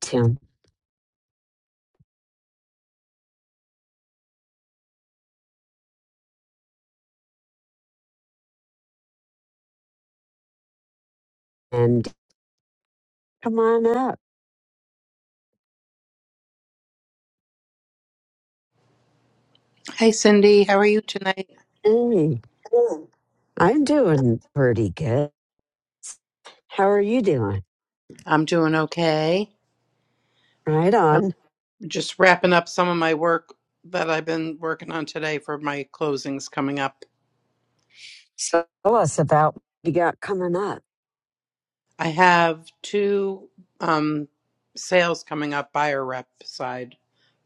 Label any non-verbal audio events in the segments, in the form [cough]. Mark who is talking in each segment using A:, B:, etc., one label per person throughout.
A: Tim, and come on up.
B: Hey Cindy, how are you tonight?
A: Hey, I'm doing pretty good. How are you doing?
B: I'm doing okay.
A: Right
B: I'm
A: on.
B: just wrapping up some of my work that I've been working on today for my closings coming up.
A: So tell us about what you got coming up.
B: I have two um, sales coming up, buyer rep side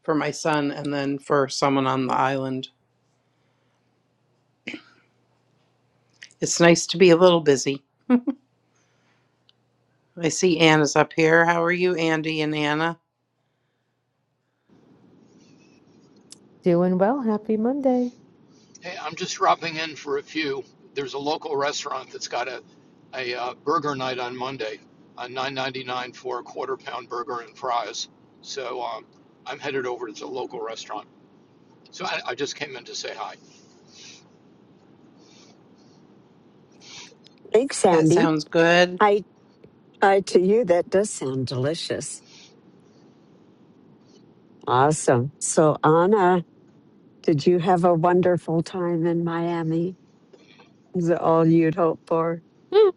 B: for my son and then for someone on the island. It's nice to be a little busy. I see Anna's up here. How are you, Andy and Anna?
C: Doing well. Happy Monday.
D: Hey, I'm just dropping in for a few. There's a local restaurant that's got a, a uh, burger night on Monday, uh, 9.99 for a quarter pound burger and fries. So um, I'm headed over to the local restaurant. So I, I just came in to say hi.
A: Thanks,
B: That
A: Sandy.
B: sounds good.
A: Hi, hi to you. That does sound delicious. Awesome. So, Anna, did you have a wonderful time in Miami? Is it all you'd hope for?
C: Hmm.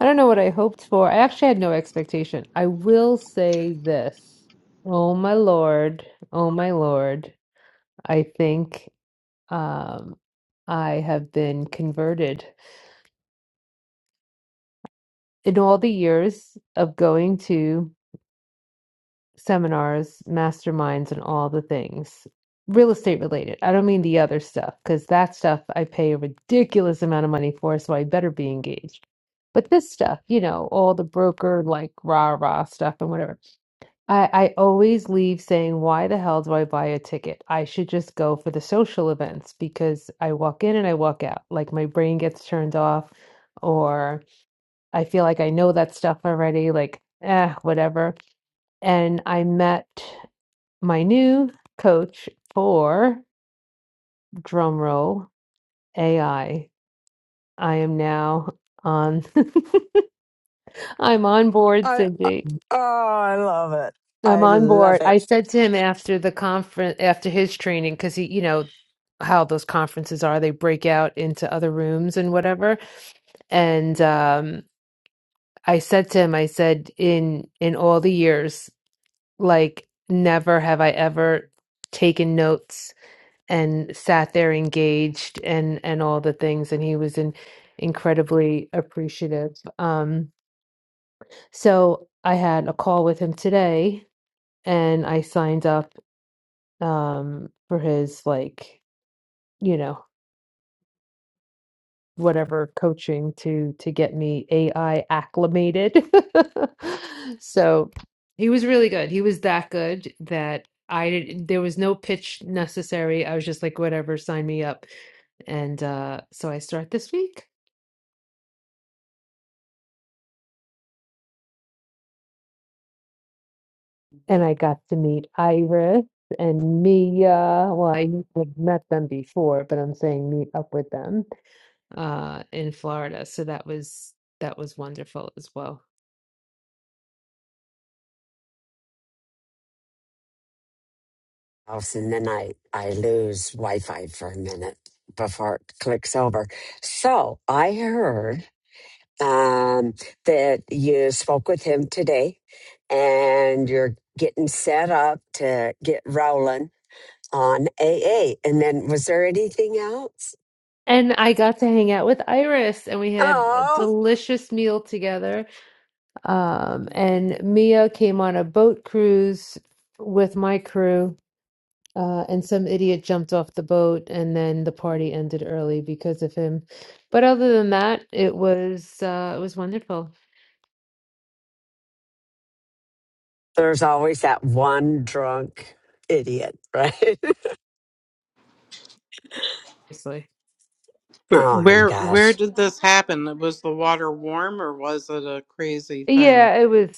C: I don't know what I hoped for. I actually had no expectation. I will say this. Oh my Lord. Oh my Lord. I think um I have been converted in all the years of going to seminars, masterminds, and all the things real estate related. I don't mean the other stuff because that stuff I pay a ridiculous amount of money for, so I better be engaged. But this stuff, you know, all the broker like rah rah stuff and whatever. I, I always leave saying, why the hell do I buy a ticket? I should just go for the social events because I walk in and I walk out. Like my brain gets turned off, or I feel like I know that stuff already. Like, eh, whatever and I met my new coach for drumroll AI. I I am now on. [laughs] I'm on board,
A: I, I-
C: Cindy.
A: oh, I love it.
C: I'm
A: I
C: on
A: love
C: board.
A: it.
C: I said to him after the conference, after his training, because he, you know, how those conferences are, they break out into other rooms and whatever. And um, I said to him, I said, in in all the years, like never have I ever taken notes and sat there engaged and and all the things and he was in, incredibly appreciative um so i had a call with him today and i signed up um for his like you know whatever coaching to to get me ai acclimated [laughs] so he was really good he was that good that i didn't there was no pitch necessary i was just like whatever sign me up and uh so i start this week and I got to meet Iris and Mia. Well, I had met them before, but I'm saying meet up with them uh, in Florida. So that was that was wonderful as well.
A: house and then I, I lose Wi Fi for a minute before it clicks over. So I heard um, that you spoke with him today and you're getting set up to get rolling on AA. And then was there anything else?
C: And I got to hang out with Iris, and we had a
A: Oh,
C: delicious meal together. Um, and Mia came on a boat cruise with my crew, uh, and some idiot jumped off the boat, and then the party ended early because of him. But other than that, it was uh, it was wonderful.
A: there's always that one drunk idiot, right?
C: Seriously.
A: [laughs]
B: Where?
A: oh my
B: Where where
A: gosh.
B: did this happen? Was the water warm or was it a crazy thing?
C: Yeah, it was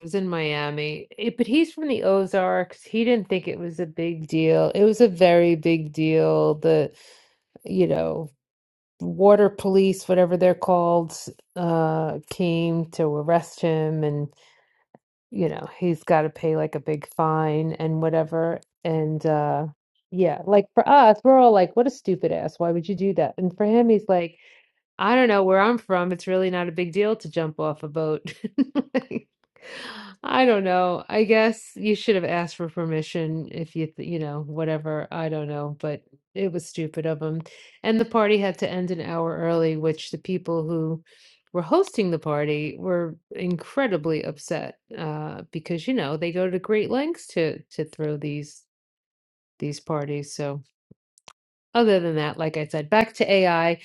C: it was in Miami. It, but he's from the Ozarks. He didn't think it was a big deal. It was a very big deal. The, you know, water police, whatever they're called, uh, came to arrest him and, you know, he's got to pay like a big fine and whatever. And uh yeah, like for us, we're all like, what a stupid ass. Why would you do that? And for him, he's like I don't know where I'm from. It's really not a big deal to jump off a boat. [laughs] Like, I don't know. I guess you should have asked for permission if you, th- you know, whatever. I don't know, but it was stupid of him. And the party had to end an hour early, which the people who were hosting the party were incredibly upset uh, because, you know, they go to great lengths to to throw these these parties. So other than that, like I said, back to AI.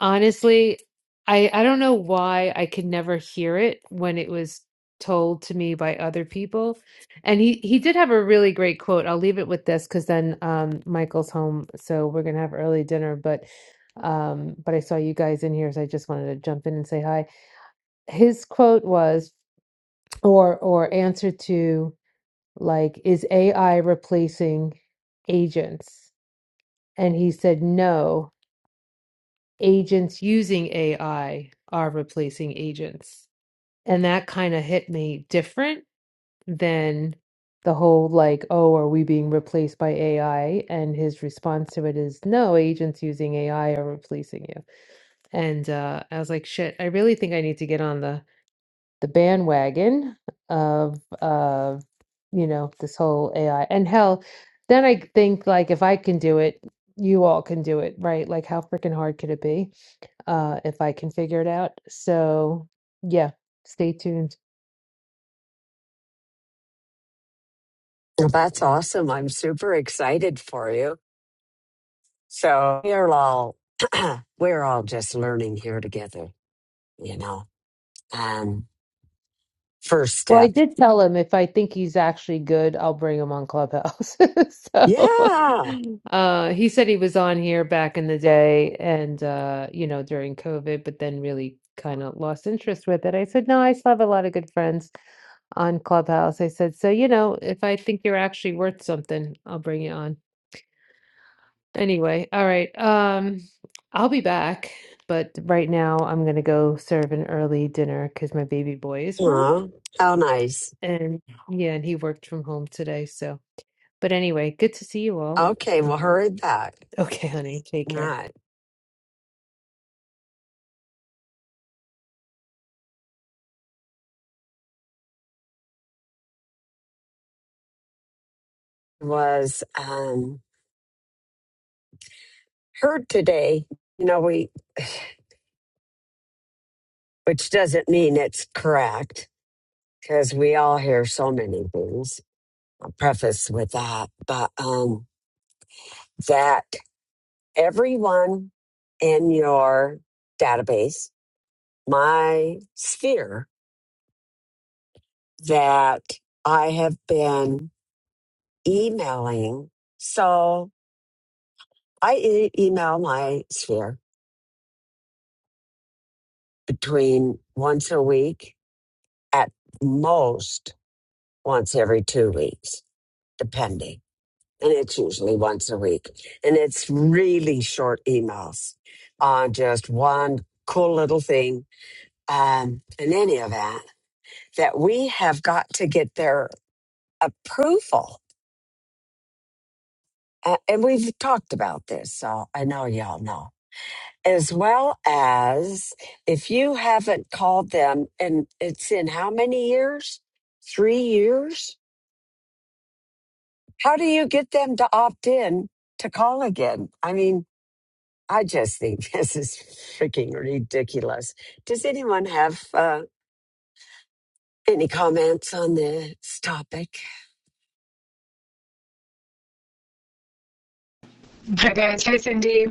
C: Honestly, I I don't know why I could never hear it when it was told to me by other people. And he he did have a really great quote. I'll leave it with this because then um Michael's home, so we're gonna have early dinner. But um, but I saw you guys in here, so I just wanted to jump in and say hi. His quote was, or or answer to like, is AI replacing agents? And he said no agents using AI are replacing agents. And that kind of hit me different than the whole like, oh, are we being replaced by AI? And his response to it is, no, agents using AI are replacing you. And uh, I was like, shit, I really think I need to get on the the bandwagon of uh, you know, this whole AI. And hell, then I think like if I can do it, you all can do it, right? Like how freaking hard could it be? uh, if I can figure it out. So, yeah, stay tuned.
A: Well, that's awesome. I'm super excited for you. So we are all [clears throat] we're all just learning here together, you know. Um first
C: Well, I
A: step.
C: did tell him if I think he's actually good, I'll bring him on Clubhouse. [laughs] So,
A: Yeah.
C: uh, he said he was on here back in the day and, uh, you know, during COVID, but then really kind of lost interest with it. I said, no, I still have a lot of good friends on Clubhouse. I said, so, you know, if I think you're actually worth something, I'll bring you on. Anyway, all right. Um, I'll be back, but right now I'm gonna go serve an early dinner because my baby boy is home,
A: Aw, how nice.
C: and yeah, and he worked from home today. So, but anyway, good to see you all. [laughs]
A: Okay, well hurry back.
C: Okay, honey, take care.
A: That was um heard today. You know, we [sighs] which doesn't mean it's correct, because we all hear so many things. I'll preface with that. But um that everyone in your database my sphere that I have been emailing. So I e- email my sphere between once a week, at most once every two weeks, depending. And it's usually once a week. And it's really short emails on just one cool little thing. Um, in any event, that we have got to get their approval uh, and we've talked about this, so I know y'all know. As well as if you haven't called them, and it's in how many years? Three years? How do you get them to opt in to call again? I mean, I just think [laughs] this is freaking ridiculous. Does anyone have uh, any comments on this topic?
E: Hi guys, hi Cindy.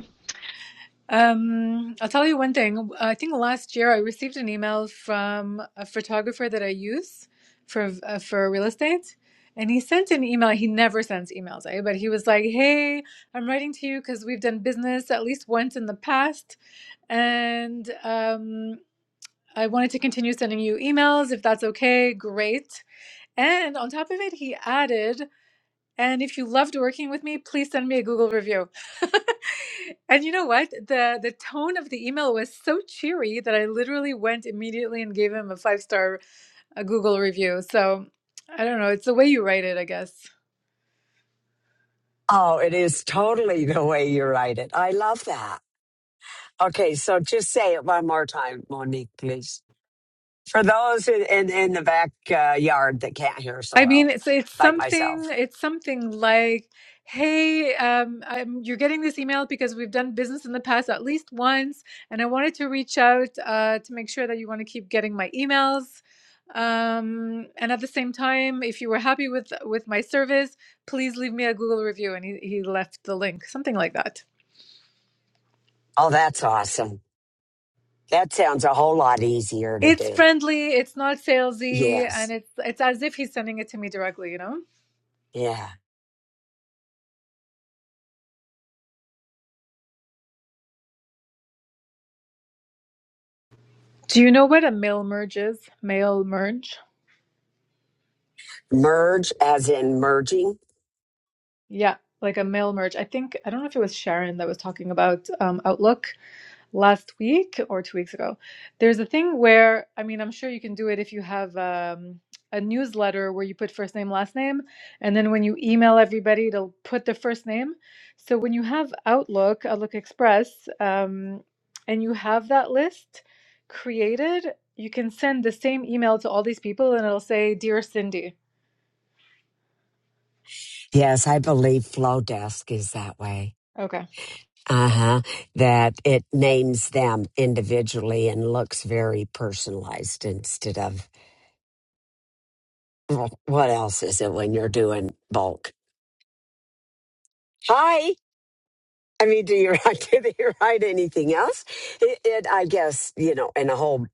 E: Um, I'll tell you one thing. I think last year I received an email from a photographer that I use for uh, for real estate, and he sent an email. He never sends emails, eh? But he was like, "Hey, I'm writing to you because we've done business at least once in the past, and um, I wanted to continue sending you emails if that's okay. Great." And on top of it, he added. And if you loved working with me, please send me a Google review. [laughs] and you know what? The the tone of the email was so cheery that I literally went immediately and gave him a five-star uh Google review. So I don't know, it's the way you write it, I guess.
A: Oh, it is totally the way you write it. I love that. Okay, so just say it one more time, Monique, please. for those in, in, in the backyard uh, that can't hear so
E: I mean,
A: well,
E: it's it's
A: like
E: something
A: myself.
E: it's something like, hey, um, um you're getting this email because we've done business in the past at least once, and I wanted to reach out uh, to make sure that you want to keep getting my emails. Um, and at the same time, if you were happy with with my service, please leave me a Google review. And he, he left the link, something like that.
A: Oh, that's awesome. That sounds a whole lot easier to
E: It's
A: do.
E: friendly, it's not salesy, and
A: Yes.
E: it's it's as if he's sending it to me directly, you know?
A: Yeah.
E: Do you know what a mail merge is? Mail merge?
A: Merge as in merging.
E: Yeah, like a mail merge. I think I don't know if it was Sharon that was talking about um, Outlook last week or two weeks ago. There's a thing where I mean, I'm sure you can do it if you have um, a newsletter where you put first name, last name, and then when you email everybody, it'll put their first name. So when you have Outlook, Outlook Express, um, and you have that list created, you can send the same email to all these people, and it'll say, "Dear Cindy."
A: Yes, I believe Flowdesk is that way.
E: Okay.
A: Uh huh. That it names them individually and looks very personalized instead of well, what else is it when you're doing bulk? Hi. I mean, do you [laughs] write, do you write anything else? It, it, I guess, you know, in a whole,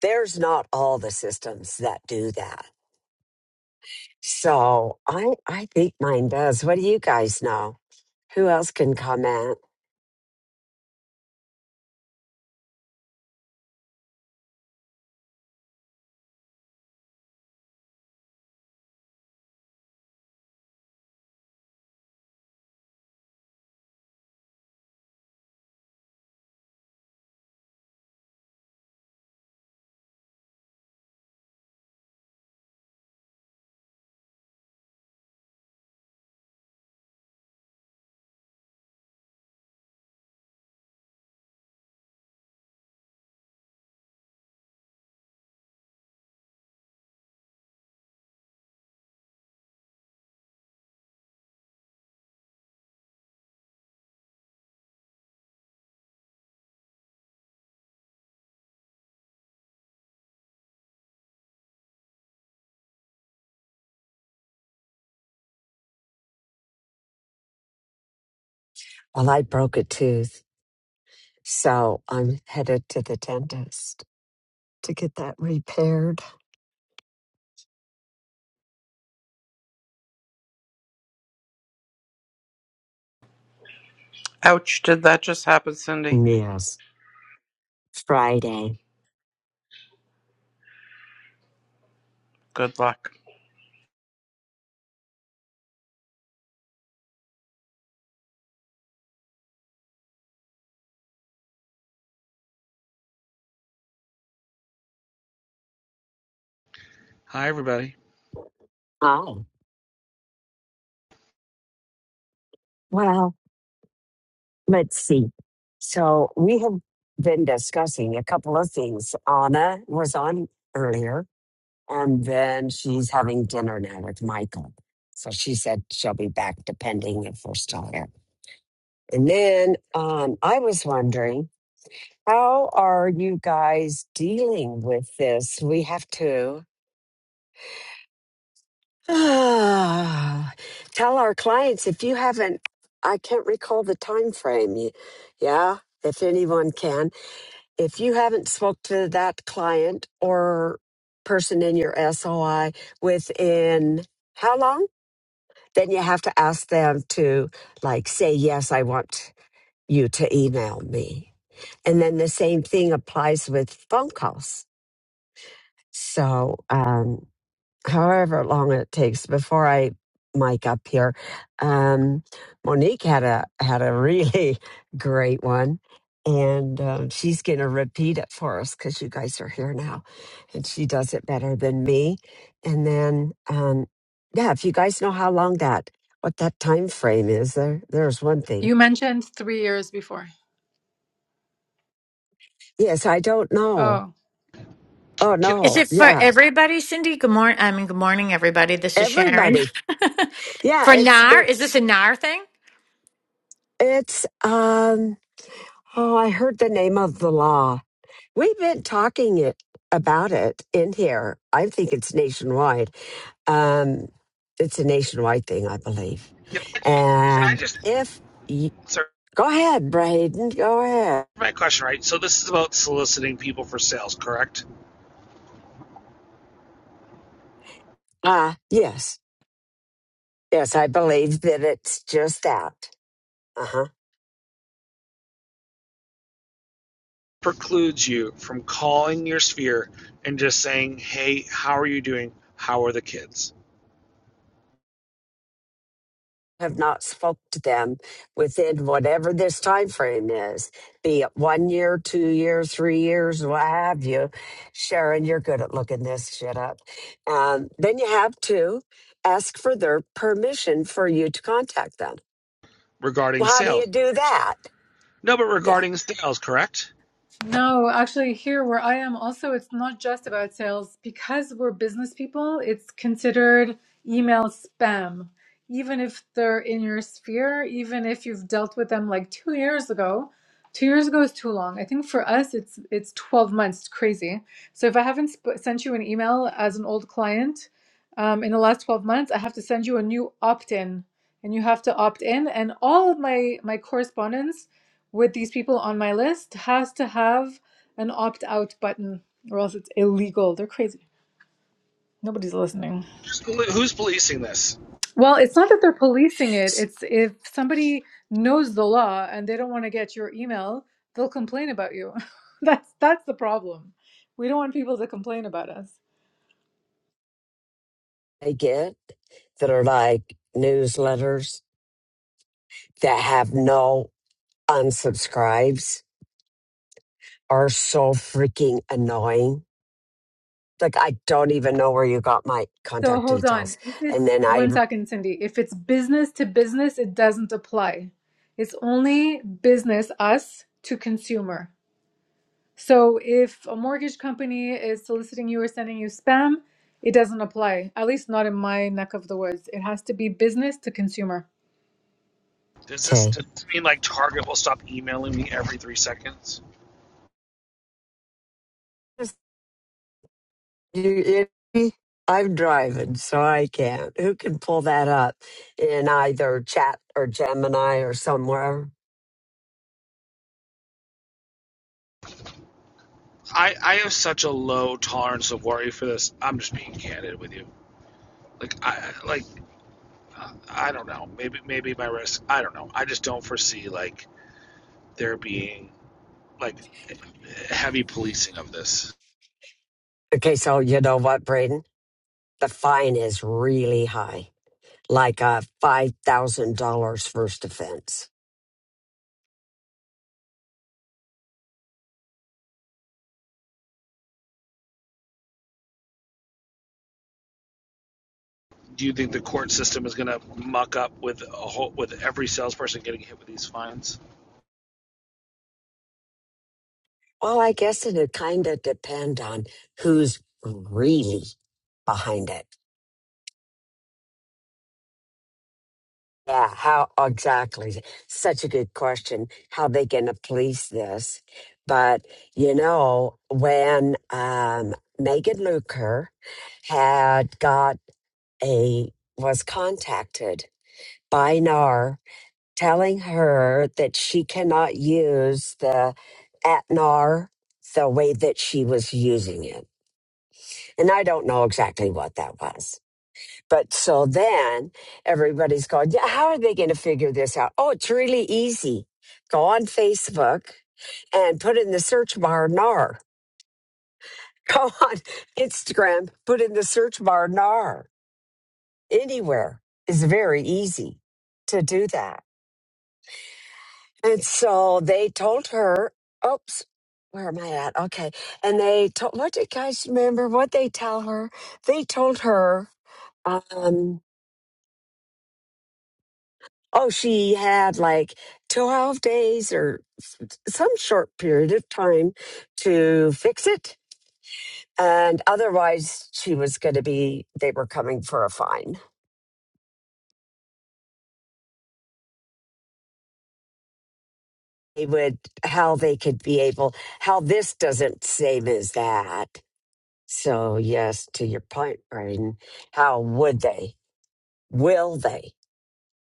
A: there's not all the systems that do that. So I, I think mine does. What do you guys know? Who else can comment? Well, I broke a tooth, so I'm headed to the dentist to get that repaired.
B: Ouch, did that just happen, Cindy?
A: Yes. Friday.
B: Good luck.
F: Hi, everybody.
A: Oh, well, let's see. So we have been discussing a couple of things. Anna was on earlier, and then she's having dinner now with Michael. So she said she'll be back depending if we're still here. And then um, I was wondering, how are you guys dealing with this? We have to. [sighs] Ah, Tell our clients if you haven't, I can't recall the time frame. You, yeah, if anyone can, if you haven't spoke to that client or person in your SOI within how long, then you have to ask them to like say yes, I want you to email me. And then the same thing applies with phone calls. So, um, however long it takes before I mic up here. Um, Monique had a had a really [laughs] great one, and um, she's going to repeat it for us because you guys are here now, and she does it better than me. And then, um, yeah, if you guys know how long that what that time frame is, there there's one thing.
E: You mentioned three years before.
A: Yes, I don't know.
E: Oh.
A: Oh
F: Can,
G: Is
A: no,
G: it for
A: yeah,
G: everybody, Cindy? Good morning. I mean, good morning, everybody. This is Sharon.
A: everybody.
G: [laughs]
A: Yeah,
G: for
A: it's
G: NAR,
A: it
G: is this a NAR thing?
A: it's um. Oh, I heard the name of the law We've been talking it about it in here. I think it's nationwide. Um, it's a nationwide thing, I believe.
F: can, I, just- can I
A: And
F: just
A: if you,
F: answer
A: go ahead, Braden, go ahead.
F: my question right? So this is about soliciting people for sales, correct?
A: Ah, yes, yes, I believe that it's just that. Uh huh.
F: Precludes you from calling your sphere and just saying, "Hey, how are you doing? How are the kids?"
A: have not spoke to them within whatever this time frame is, be it one year, two years, three years, what have you. Sharon, you're good at looking this shit up. Um, then you have to ask for their permission for you to contact them.
F: Regarding
A: Well, how do you
F: sales,
A: do that?
F: no, but
A: Yeah.
F: regarding sales, correct?
E: No, actually, here where I am, also, it's not just about sales. Because we're business people, it's considered email spam. Even if they're in your sphere, even if you've dealt with them like two years ago, two years ago is too long. I think for us, it's it's 12 months. It's crazy. So if I haven't sp- sent you an email as an old client um, in the last 12 months, I have to send you a new opt-in, and you have to opt in. And all of my my correspondence with these people on my list has to have an opt out button or else it's illegal. They're crazy. Nobody's listening.
F: Who's Who's policing this?
E: Well, it's not that they're policing it. It's if somebody knows the law and they don't want to get your email, they'll complain about you. [laughs] that's that's the problem. We don't want people to complain about us.
A: I get that are like newsletters that have no unsubscribes are so freaking annoying like I don't even know where you got my
E: So
A: contact
E: hold on.
A: details.
E: If
A: And
E: it's
A: then I
E: one second, Cindy. If it's business to business, it doesn't apply. It's only business us to consumer. So if a mortgage company is soliciting you or sending you spam, it doesn't apply, at least not in my neck of the woods. It has to be business to consumer.
F: Does this,
A: okay,
F: does this mean like Target will stop emailing me every three seconds?
A: Just- you- you- I'm driving, so I can't. Who can pull that up in either chat or Gemini or somewhere?
F: I, I have such a low tolerance of worry for this. I'm just being candid with you. Like I like uh, I don't know. Maybe maybe my risk. I don't know. I just don't foresee like there being like heavy policing of this.
A: Okay, so you know what, Braden? The fine is really high, like a five thousand dollars first offense.
F: Do you think the court system is going to muck up with a whole with every salesperson getting hit with these fines?
A: Well, I guess it'd kind of depend on who's really behind it. Yeah, how exactly? Such a good question. How they gonna police this? But you know, when um, Megan Luker had got a was contacted by NAR telling her that she cannot use the at NAR the way that she was using it, and I don't know exactly what that was but so then everybody's going, yeah, how are they going to figure this out? Oh, it's really easy. Go on Facebook and put in the search bar NAR. Go on [laughs] Instagram, put in the search bar NAR. Anywhere is very easy to do that. And so they told her, oops, where am I at? Okay. And they told, what do you guys remember what they tell her? They told her, um, Oh, she had like 12 days or s- some short period of time to fix it. And otherwise, she was going to be, they were coming for a fine. They would, how they could be able, how this doesn't same as that. So, yes, to your point, Brian, how would they, will they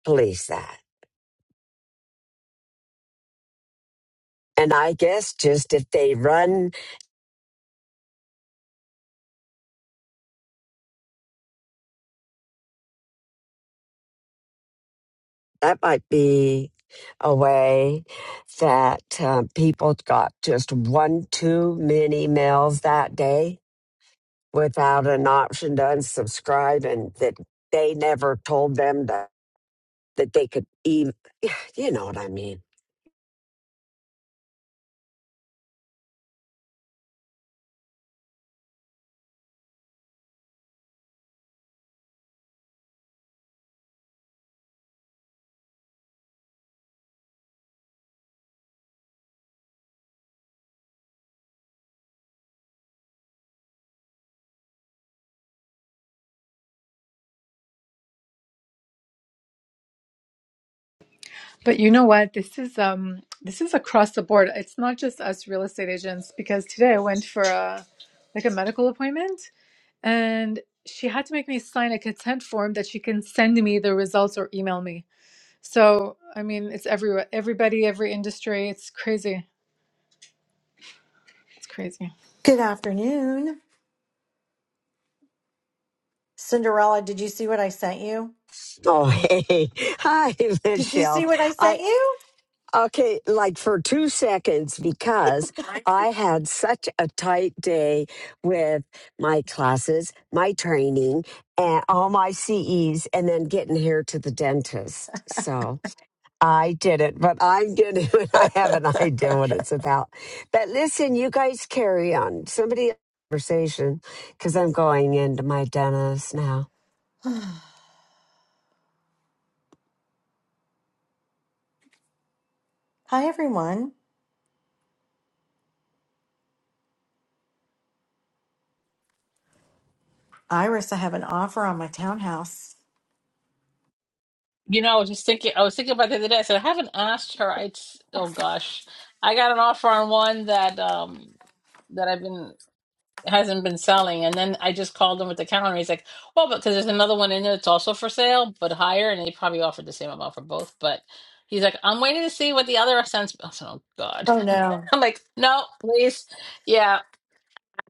A: police that? And I guess just if they run that might be a way that uh, people got just one too many mails that day without an option to unsubscribe and that they never told them that, that they could even, [sighs] you know what I mean.
E: But you know what? This is um this is across the board. It's not just us real estate agents because today I went for a like a medical appointment and she had to make me sign a consent form that she can send me the results or email me. So, I mean, it's everywhere. Everybody, every industry, it's crazy. It's crazy.
H: Good afternoon. Cinderella, did you see what I sent you?
A: Oh, hey. [laughs] Hi,
H: Did you
A: Michelle.
H: see what I
A: I,
H: sent you?
A: okay, like for two seconds, because I had such a tight day with my classes, my training, and all my CEs, and then getting here to the dentist. So I did it, but I'm going to, [laughs] I have an idea what it's about. But listen, you guys carry on. Somebody, conversation, because I'm going into my dentist now.
H: Hi, everyone. Iris, I have an offer on my townhouse.
I: You know, I was just thinking, I was thinking about the other day. I said, I haven't asked her. I, oh gosh, I got an offer on one that, um, that I've been, hasn't been selling. And then I just called him with the calendar. He's like, well, because there's another one in there that's also for sale, but higher. And they probably offered the same amount for both. But he's like, I'm waiting to see what the other sense. I said, oh God.
H: Oh, no.
I: [laughs] I'm like, no, please. yeah."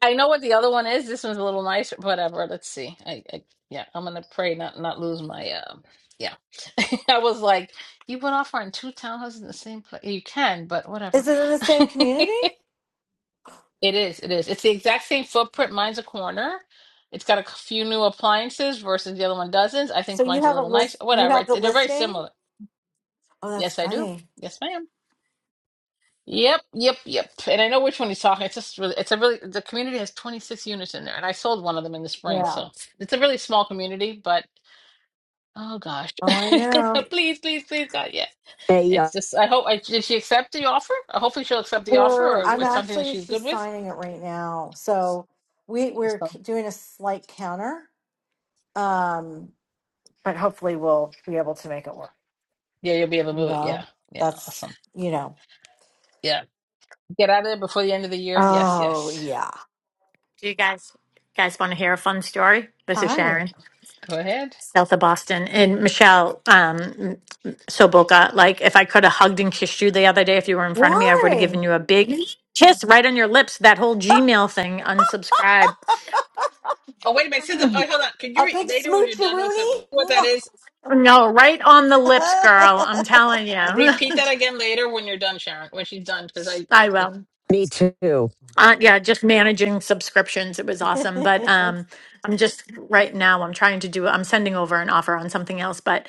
I: I know what the other one is. This one's a little nicer. Whatever. Let's see. I, I yeah, I'm gonna pray not not lose my um. yeah, [laughs] I was like, you went off on two townhouses in the same place. You can, but whatever.
H: Is it in the same
I: [laughs]
H: community?
I: It is. It is. It's the exact same footprint. Mine's a corner. It's got a few new appliances versus the other one doesn't. I
H: So
I: think
H: you
I: mine's a
H: have a
I: little nice.
H: list, you
I: Whatever.
H: have
I: It-
H: the
I: They're very
H: listing?
I: similar.
H: Oh, that's
I: Yes, I do.
H: funny.
I: Yes, ma'am. Yep, yep, yep. And I know which one he's talking. It's just really, it's a really, the community has 26 units in there, and I sold one of them in the spring.
H: Yeah.
I: So it's a really small community, but oh gosh.
H: Oh, I know.
I: [laughs] Please, please, please, God. Yeah.
A: Hey, uh,
I: It's just, I hope, I, did she accept the offer? Uh, Hopefully she'll accept the offer
H: We're,
I: or
H: I'm
I: it's something that
H: actually,
I: she's good
H: she's
I: with.
H: signing it right now. So we, we're
I: So,
H: c- doing a slight counter, um, but hopefully we'll be able to make it work.
I: yeah, you'll be able to
H: You
I: move it.
H: know,
I: Yeah. Yeah.
H: that's,
I: Awesome.
H: you know.
I: Yeah. Get out of there before the end of the year. Yes,
H: Oh
I: yes.
H: yeah.
G: Do you guys guys want to hear a fun story? This is
H: Hi.
G: Sharon,
I: Go ahead.
G: south of Boston, and Michelle um, Soboka. Like, if I could have hugged and kissed you the other day, if you were in front of me, I would have
H: Why?
G: given you a big kiss right on your lips. That whole Gmail thing, unsubscribe.
I: Oh, wait a minute. Susan, oh, hold on. Can you
H: A
I: read
H: big
I: later when you're
H: smoochy
I: done with it,
H: Rooney?
I: what that is?
G: No, right on the lips, girl. I'm telling
H: [laughs]
G: you,
I: Repeat that again later when you're done, Sharon. When she's done, because I.
G: [laughs] I will.
A: me too.
G: Uh, yeah, just managing subscriptions. It was awesome. But um, I'm just right now, I'm trying to do, I'm sending over an offer on something else, but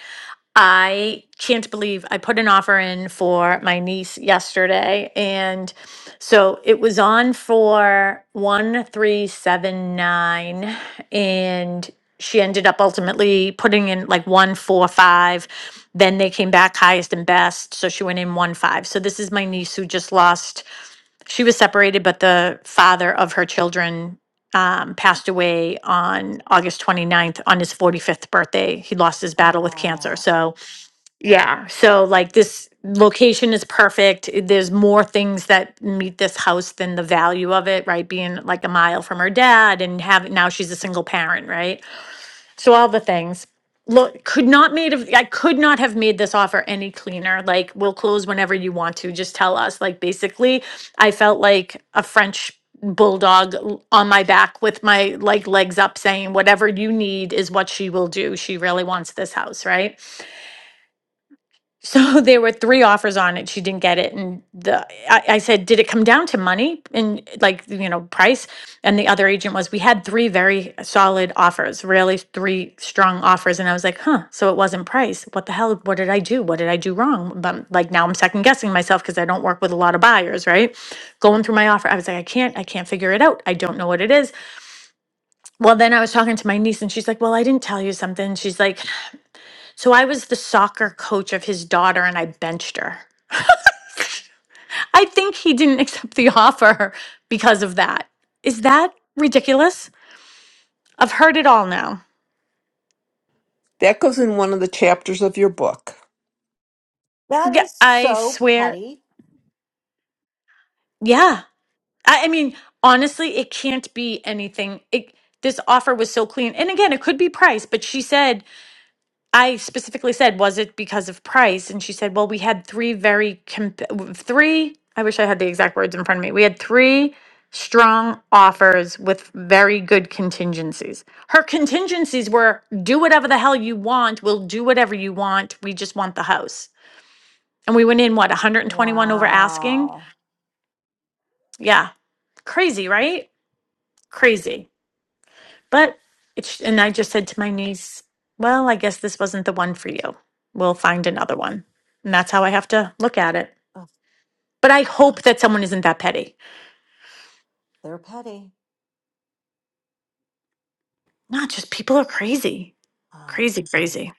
G: I can't believe I put an offer in for my niece yesterday. And so it was on for 1379. And she ended up ultimately putting in like 145. Then they came back highest and best. So she went in 1 5. So this is my niece who just lost she was separated, but the father of her children um, passed away on August 29th on his 45th birthday. He lost his battle with cancer.
H: oh,
G: So, yeah. So, like, this location is perfect. There's more things that meet this house than the value of it, right? Being like a mile from her dad and having now she's a single parent, right? So all the things. Look, could not made of I could not have made this offer any cleaner. Like, we'll close whenever you want to. Just tell us. Like, basically, I felt like a French bulldog l- on my back with my like legs up saying, whatever you need is what she will do. She really wants this house, right? So [laughs] there were three offers on it. She didn't get it, and the I, I said, "Did it come down to money and like you know price?" And the other agent was, "We had three very solid offers, really three strong offers." And I was like, "Huh? So it wasn't price? What the hell? What did I do? What did I do wrong?" But like now I'm second guessing myself because I don't work with a lot of buyers, right? Going through my offer, I was like, "I can't, I can't figure it out. I don't know what it is." Well, then I was talking to my niece, and she's like, "Well, I didn't tell you something." She's like, "So I was the soccer coach of his daughter, and I benched her." I think he didn't [laughs] accept the offer because of that. Is that ridiculous? I've heard it all now.
J: That goes in one of the chapters of your book.
H: that
G: Yeah,
H: is
G: I
H: so
G: swear.
H: petty.
G: Yeah. I, I mean, honestly, it can't be anything. It, this offer was so clean. And again, it could be price, but she said I specifically said, was it because of price? And she said, well, we had three very, comp- three, I wish I had the exact words in front of me. We had three strong offers with very good contingencies. Her contingencies were do whatever the hell you want. We'll do whatever you want. We just want the house. And we went in, what, 121 over asking?
H: Wow.
G: Yeah. Crazy, right? Crazy. But it's, and I just said to my niece, well, I guess this wasn't the one for you. We'll find another one. And that's how I have to look at it.
H: Ugh,
G: But I hope that someone isn't that petty.
H: they're petty.
G: Not just people are crazy,
H: Um,
G: crazy, crazy.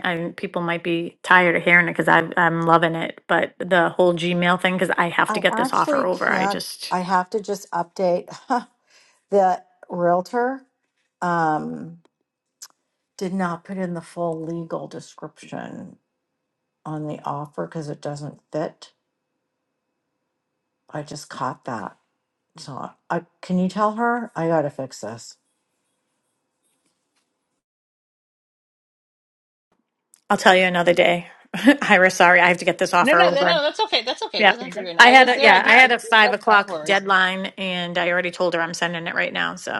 G: And people might be tired of hearing it because I'm loving it. But the whole Gmail thing, because I have
H: I
G: to get this offer
H: actually
G: over. I
H: can't.
G: just,
H: I have to just update [laughs] the realtor. Um, did not put in the full legal description on the offer because it doesn't fit. I just caught that. So I, I- can you tell her I gotta fix this?
G: I'll tell you another day. [laughs] Ira, sorry, I have to get this
I: No,
G: offer
I: no, no,
G: over.
I: no. That's okay. That's okay. It
G: Yeah.
I: doesn't have to be written.
G: I
I: I
G: had
I: was
G: a,
I: there.
G: yeah,
I: I
G: I
I: just
G: had
I: didn't.
G: a five
I: No, no
G: o'clock
I: worries.
G: deadline and I already told her I'm sending it right now. So.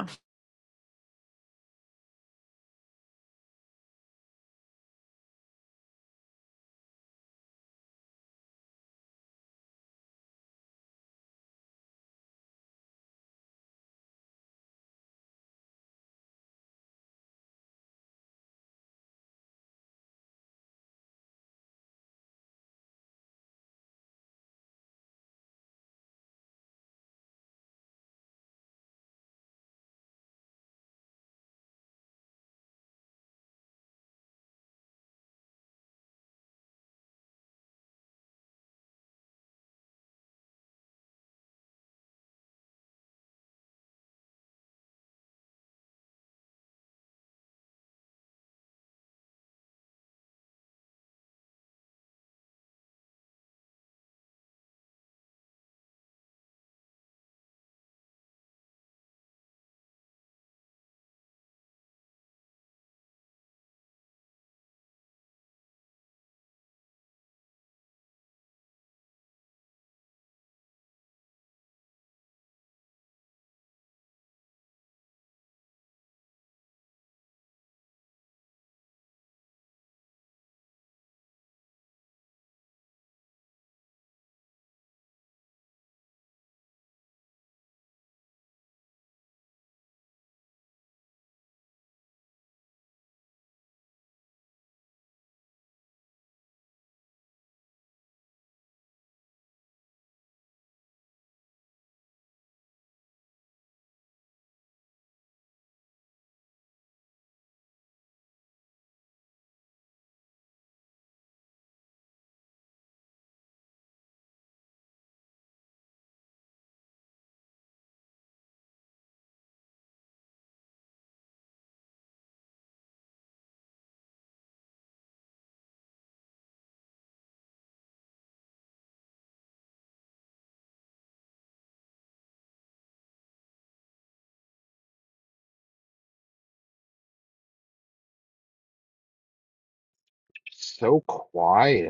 K: So quiet.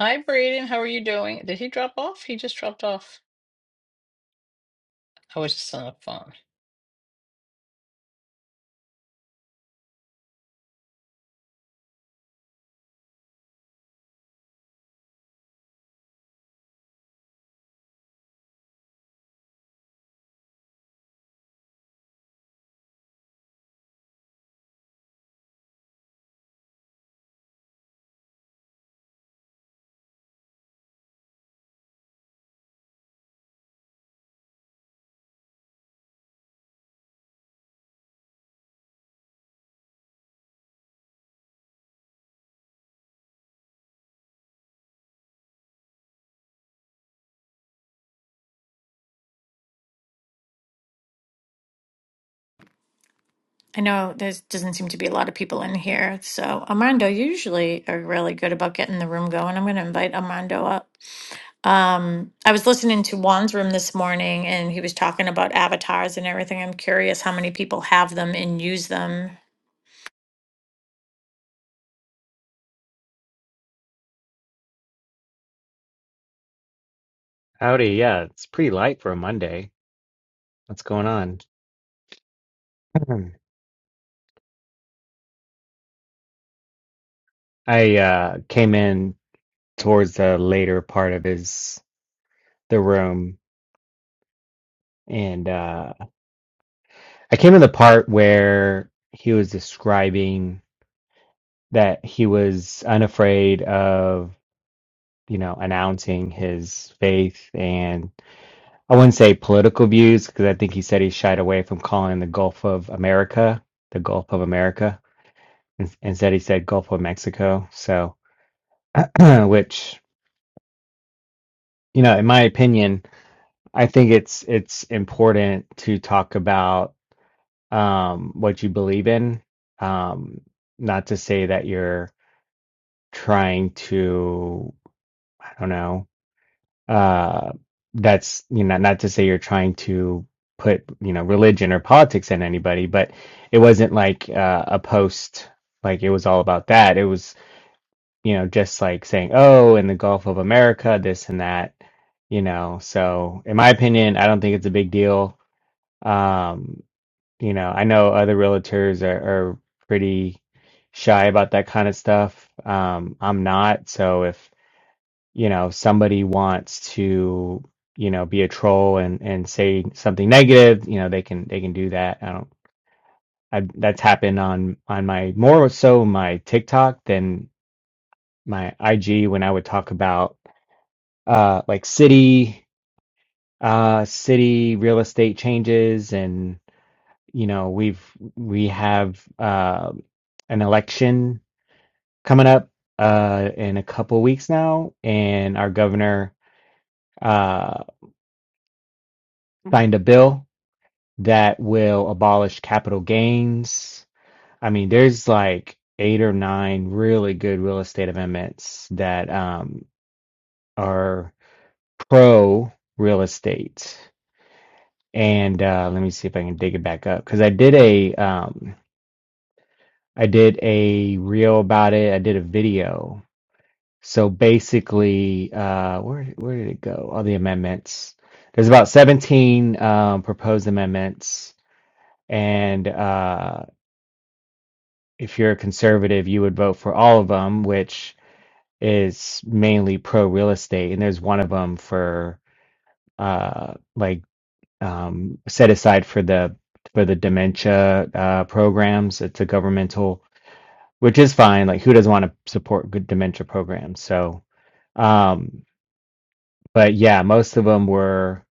I: Hi, Braden. How are you doing? Did he drop off? He just dropped off. I was just on the phone.
G: I know there doesn't seem to be a lot of people in here, so Armando, you usually are really good about getting the room going. I'm going to invite Armando up. Um, I was listening to Juan's room this morning, and he was talking about avatars and everything. I'm curious how many people have them and use them.
L: Howdy, yeah, it's pretty light for a Monday. What's going on? [clears throat] Hmm. I uh came in towards the later part of his the room and uh I came in the part where he was describing that he was unafraid of, you know, announcing his faith and I wouldn't say political views because I think he said he shied away from calling the Gulf of America the Gulf of America. and Instead, he said Gulf of Mexico. So, [clears throat] which you know, in my opinion, I think it's it's important to talk about um, what you believe in. Um, not to say that you're trying to, I don't know, uh, that's you know, not to say you're trying to put you know religion or politics in anybody, but it wasn't like uh, a post like it was all about that. It was you know, just like saying, oh, in the Gulf of America, this and that, you know. So, in my opinion, I don't think it's a big deal. Um, you know, I know other realtors are, are pretty shy about that kind of stuff. Um, I'm not. So, if, you know, somebody wants to, you know, be a troll and, and say something negative, you know, they can, they can do that. I don't, I, that's happened on, on my more so my TikTok than my IG when I would talk about uh like city uh city real estate changes and you know we've we have uh an election coming up uh in a couple weeks now and our governor uh signed a bill that will abolish capital gains. I mean there's like eight or nine really good real estate amendments that um are pro real estate and uh, let me see if I can dig it back up because I did a um, I did a reel about it. I did a video. So basically, uh, where where did it go? All the amendments. There's about 17 um, proposed amendments, and uh, if you're a conservative, you would vote for all of them, which is mainly pro real estate. And there's one of them for uh, like um, set aside for the for the dementia uh, programs. It's a governmental, which is fine. Like who doesn't want to support good dementia programs? So, um, but yeah, most of them were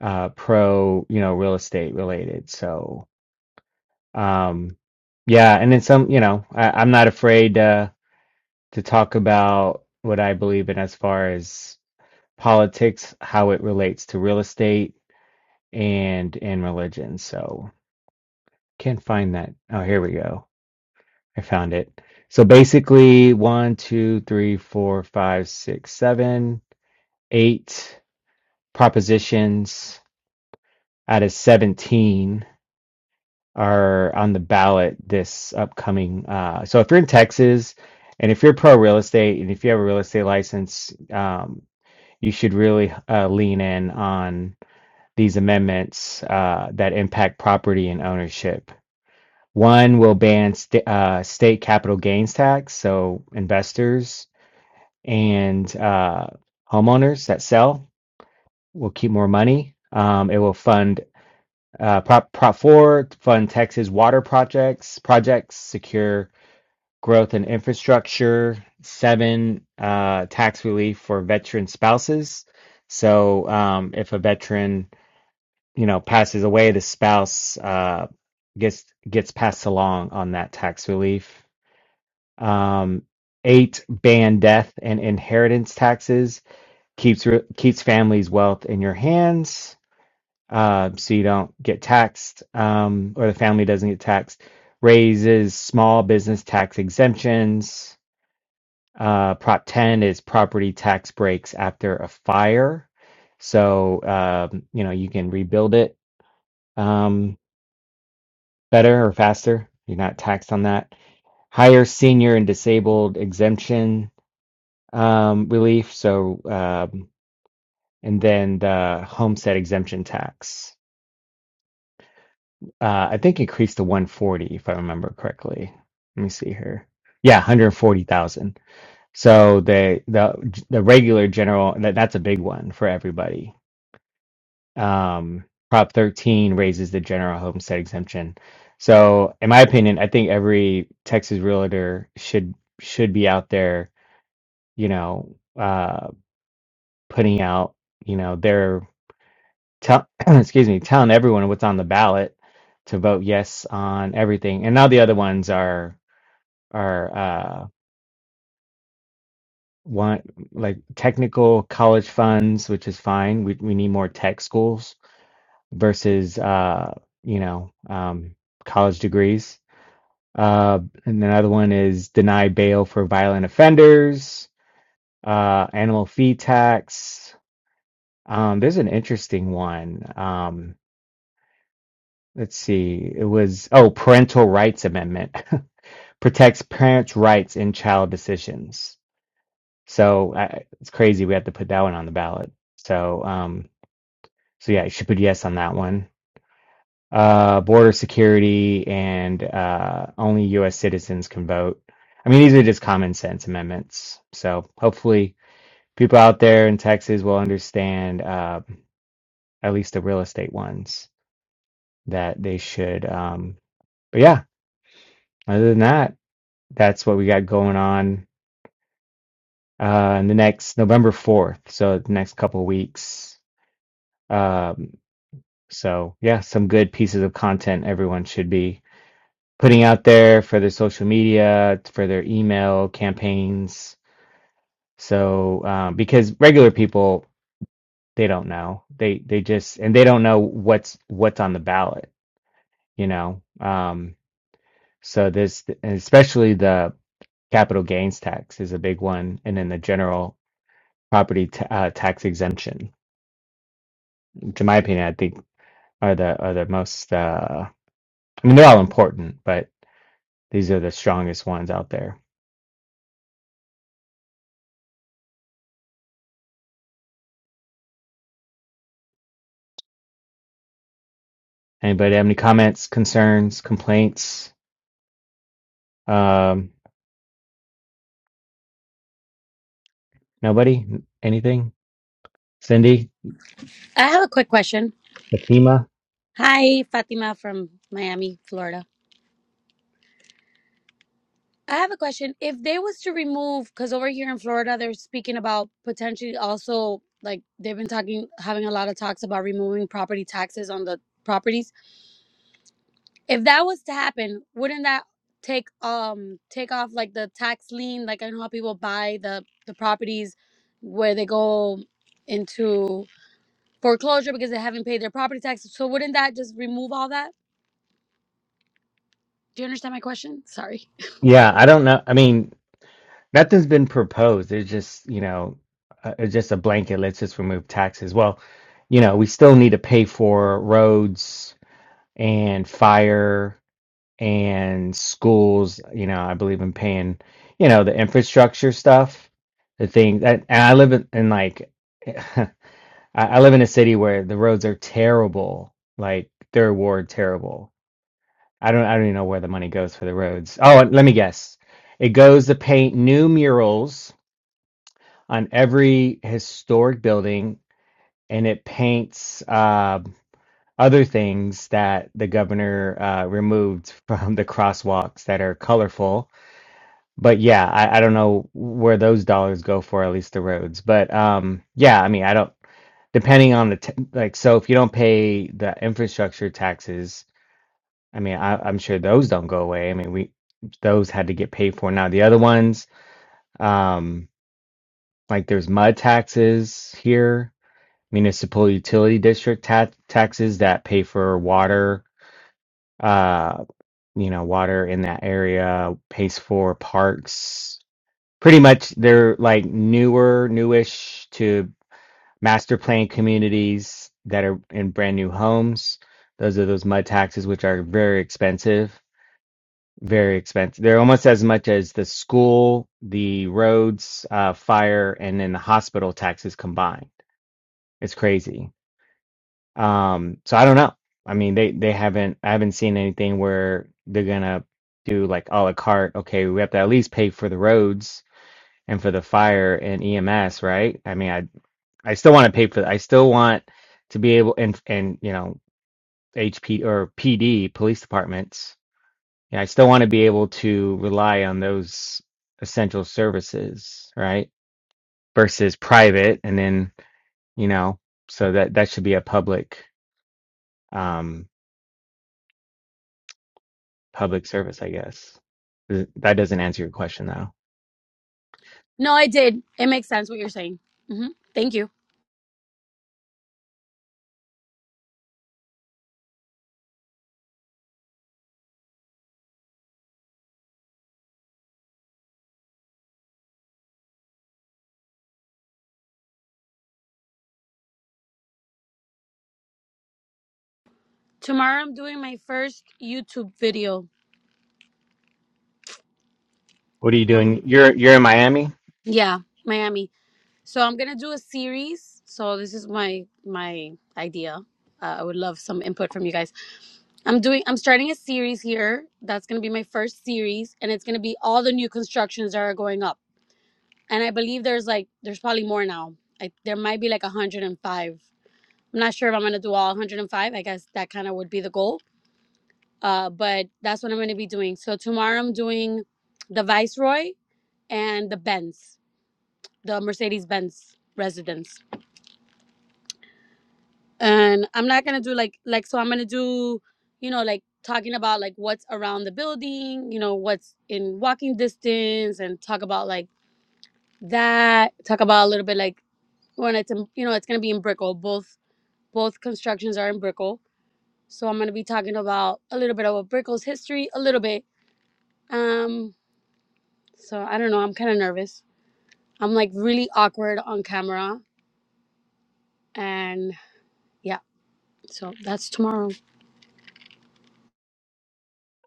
L: uh, pro, you know, real estate related. So, um, yeah, and then some. You know, I, I'm not afraid uh, to talk about what I believe in as far as politics, how it relates to real estate and and religion. So. Can't find that. Oh, here we go. I found it. So basically, one, two, three, four, five, six, seven, eight propositions out of 17 are on the ballot this upcoming. Uh, so if you're in Texas and if you're pro real estate and if you have a real estate license, um, you should really uh, lean in on these amendments uh, that impact property and ownership One will ban st- uh, state capital gains tax, so investors and uh, homeowners that sell will keep more money. Um, it will fund uh, Prop Prop Four, fund Texas water projects, projects secure growth and infrastructure. Seven, uh, tax relief for veteran spouses. So um, if a veteran, you know, passes away, the spouse uh, gets gets passed along on that tax relief. Um, eight, ban death and inheritance taxes. Keeps re- keeps families' wealth in your hands, uh, so you don't get taxed, um, or the family doesn't get taxed. Raises small business tax exemptions. Uh, Prop 10 is property tax breaks after a fire, so um, you know you can rebuild it um, better or faster. You're not taxed on that. Higher senior and disabled exemption um, relief. So, um, and then the homestead exemption tax, uh, I think increased to 140, if I remember correctly. Let me see here. Yeah, 140,000. So the the the regular general that that's a big one for everybody. Um, Prop 13 raises the general homestead exemption. So, in my opinion, I think every Texas realtor should should be out there, you know, uh, putting out, you know, their tell [clears throat] excuse me telling everyone what's on the ballot to vote yes on everything and now the other ones are are uh one like technical college funds which is fine we, we need more tech schools versus uh you know um college degrees uh and another one is deny bail for violent offenders uh animal fee tax um there's an interesting one Um. let's see, it was, oh, Parental Rights Amendment [laughs] protects parents' rights in child decisions. So I, it's crazy we have to put that one on the ballot. So, um, so yeah, you should put yes on that one. Uh, border security and uh, only U.S. citizens can vote. I mean, these are just common sense amendments. So hopefully, people out there in Texas will understand uh, at least the real estate ones that they should. Um, but yeah, other than that. that's what we got going on uh in the next November 4th so the next couple of weeks um so yeah some good pieces of content everyone should be putting out there for their social media for their email campaigns so um because regular people they don't know they they just and they don't know what's what's on the ballot you know um so this and especially the capital gains tax is a big one and then the general property ta uh, tax exemption, which in my opinion, I think are the are the most. Uh, I mean, they're all important, but these are the strongest ones out there. Anybody have any comments, concerns, complaints? Um, nobody? Anything? Cindy?
M: I have a quick question.
L: Fatima?
M: Hi, Fatima from Miami, Florida. I have a question. If they was to remove, because over here in Florida, they're speaking about potentially also like they've been talking, having a lot of talks about removing property taxes on the properties. If that was to happen, wouldn't that take um take off like the tax lien? Like I know how people buy the the properties where they go into foreclosure because they haven't paid their property taxes. So wouldn't that just remove all that? Do you understand my question? Sorry.
L: Yeah, I don't know. I mean, nothing's been proposed. It's just, you know, uh, it's just a blanket. Let's just remove taxes. Well, you know, we still need to pay for roads, and fire and schools. You know, I believe in paying, you know, the infrastructure stuff, the thing that, and I live in, in like, [laughs] I, I live in a city where the roads are terrible, like third ward terrible. I don't, I don't even know where the money goes for the roads. Oh, and let me guess. It goes to paint new murals on every historic building, and it paints. uh, other things that the governor uh, removed from the crosswalks that are colorful. But yeah, I, I don't know where those dollars go for, at least the roads. But um, yeah, I mean, I don't, depending on the, t like, so if you don't pay the infrastructure taxes, I mean, I, I'm sure those don't go away. I mean, we, those had to get paid for. Now, the other ones, um, like there's mud taxes here, municipal utility district ta taxes that pay for water uh you know, water in that area, pays for parks. Pretty much they're like newer, newish to master plan communities that are in brand new homes. Those are those mud taxes, which are very expensive, very expensive. They're almost as much as the school, the roads, uh, fire, and then the hospital taxes combined. It's crazy Um, so I don't know. I mean, they they haven't I haven't seen anything where they're gonna do like a la carte. Okay, we have to at least pay for the roads and for the fire and EMS, right? I mean, I I still want to pay for. I still want to be able and and you know HP or PD police departments. Yeah, I still want to be able to rely on those essential services, right? Versus private, and then you know, so that that should be a public. um. public service, I guess. Th- That doesn't answer your question though.
M: No, I did. It makes sense what you're saying. hmm Thank you. Tomorrow I'm doing my first YouTube video.
L: What are you doing?
M: Um,
L: You're you're in Miami?
M: yeah, Miami. So I'm gonna do a series. So this is my my idea. Uh, I would love some input from you guys. I'm doing. I'm starting a series here. That's gonna be my first series, and it's gonna be all the new constructions that are going up. And I believe there's like there's probably more now. I, there might be like 105. I'm not sure if I'm gonna do all 105. I guess that kind of would be the goal uh, but that's what I'm going to be doing. So tomorrow I'm doing the Viceroy and the Benz, the Mercedes Benz residence. And I'm not going to do like like so I'm going to do, you know, like talking about like what's around the building, you know, what's in walking distance and talk about like that, talk about a little bit like when it's in, you know, it's going to be in Brickell. Both both constructions are in Brickell. So I'm going to be talking about a little bit of Brickell's history, a little bit. Um so I don't know, I'm kind of nervous. I'm like really awkward on camera and yeah, so that's tomorrow.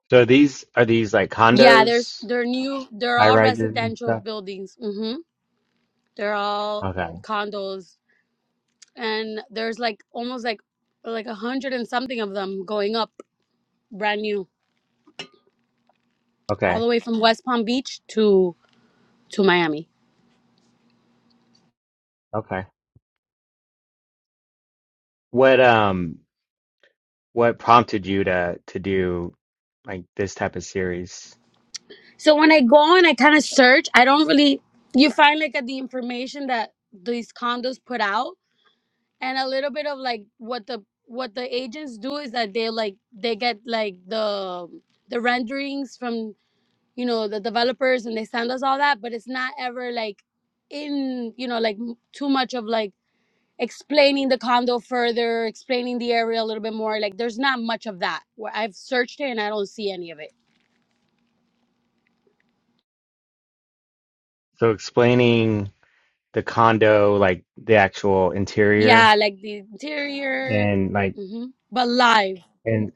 L: So these are these like
M: Yeah, there's
L: condos,
M: they're new they're
L: high
M: all
L: rises and
M: residential
L: stuff?
M: buildings. Mhm. They're all
L: Okay.
M: condos and there's like almost like like a hundred and something of them going up brand new all
L: Okay.
M: the way from West Palm Beach to to Miami.
L: Okay. What um what prompted you to to do like this type of series?
M: So when I go and I kind of search, I don't really you find like at the information that these condos put out and a little bit of like what the what the agents do is that they like they get like the the renderings from you know the developers and they send us all that but it's not ever like in you know like m- too much of like explaining the condo further explaining the area a little bit more like there's not much of that where i've searched it and i don't see any of it
L: So explaining the condo, like the actual
M: yeah
L: interior
M: like the interior
L: and like
M: hmm but live
L: and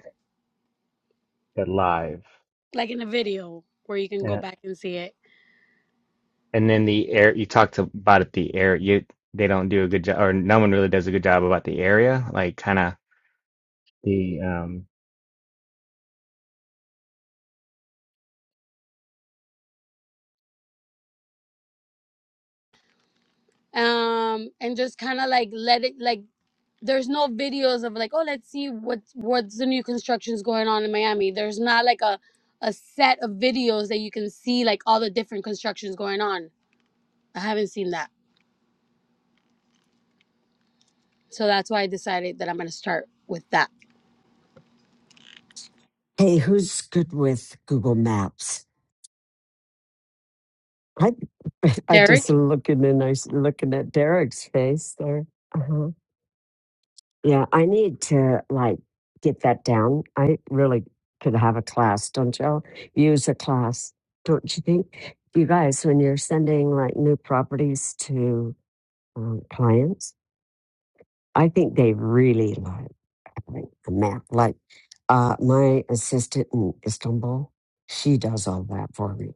L: the live.
M: like in a video where you can go back and see it
L: and then the air you talked about it, the air you they don't do a good job or no one really does a good job about the area like kind of the um
M: um and just kind of like let it like there's no videos of like oh let's see what what's the new constructions going on in miami there's not like a a set of videos that you can see like all the different constructions going on i haven't seen that so that's why i decided that i'm going to start with that
A: Hey, who's good with Google Maps? I [laughs] I
M: derek
A: just looking and I s- looking at Derek's face there. Uh-huh. Yeah, I need to like get that down. I really could have a class, don't you? Use a class, don't you think? You guys, when you're sending like new properties to um, clients, I think they really like having a map. Like uh, my assistant in Istanbul, she does all that for me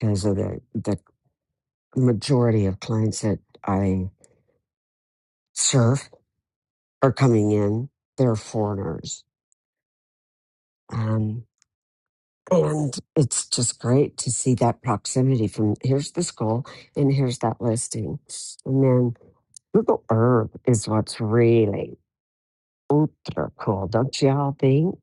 A: because of the the majority of clients that I serve are coming in, they're foreigners. Um, and it's just great to see that proximity from here's the school and here's that listing. And then Google Earth is what's really ultra cool, don't you all think?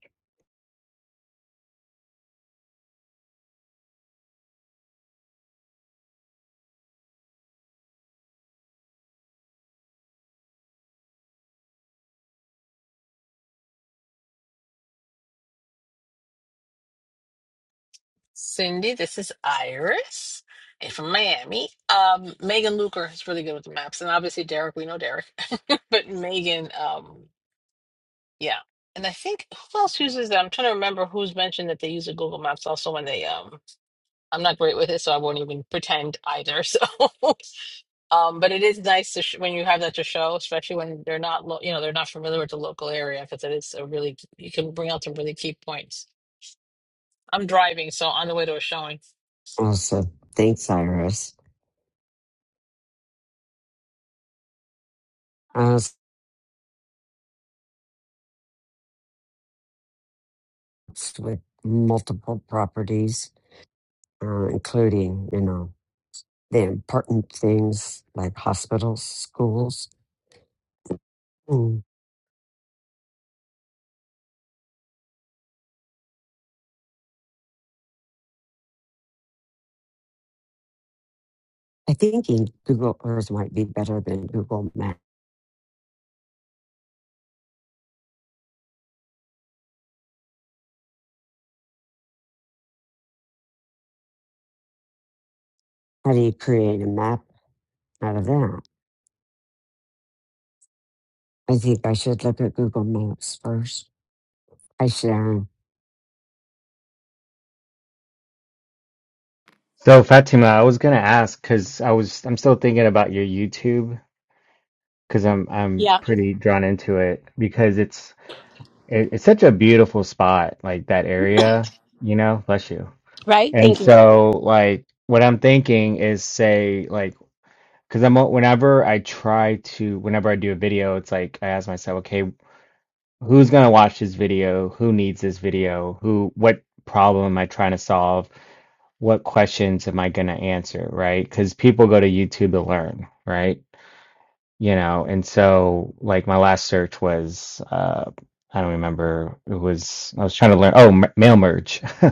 I: Cindy, this is Iris. And from Miami, um, Megan Luker is really good with the maps, and obviously Derek. We know Derek, [laughs] but Megan, um, yeah. And I think who else uses that? I'm trying to remember who's mentioned that they use the Google Maps also when they um I'm not great with it, so I won't even pretend either. [laughs] So, um, but it is nice to sh when you have that to show, especially when they're not, lo you know, they're not familiar with the local area, because it is a really you can bring out some really key points. I'm driving, so on the way to a showing.
A: Also, thanks, Iris. I was with multiple properties, uh, including, you know, the important things like hospitals, schools. Hmm. I think in Google Earth might be better than Google Maps. How do you create a map out of that? I think I should look at Google Maps first. Hi, Sharon.
L: so Fatima I was gonna ask because I was I'm still thinking about your YouTube because I'm I'm
M: yeah
L: pretty drawn into it because it's it, it's such a beautiful spot like that area you know bless you
M: right
L: and
M: thank you
L: so like what I'm thinking is say like because I'm whenever I try to whenever I do a video it's like I ask myself okay who's gonna watch this video? Who needs this video? Who, what problem am I trying to solve? What questions am I gonna answer? Right? Because people go to YouTube to learn, right? You know, and so like my last search was, uh, I don't remember. It was I was trying to learn. Oh, m mail merge. [laughs]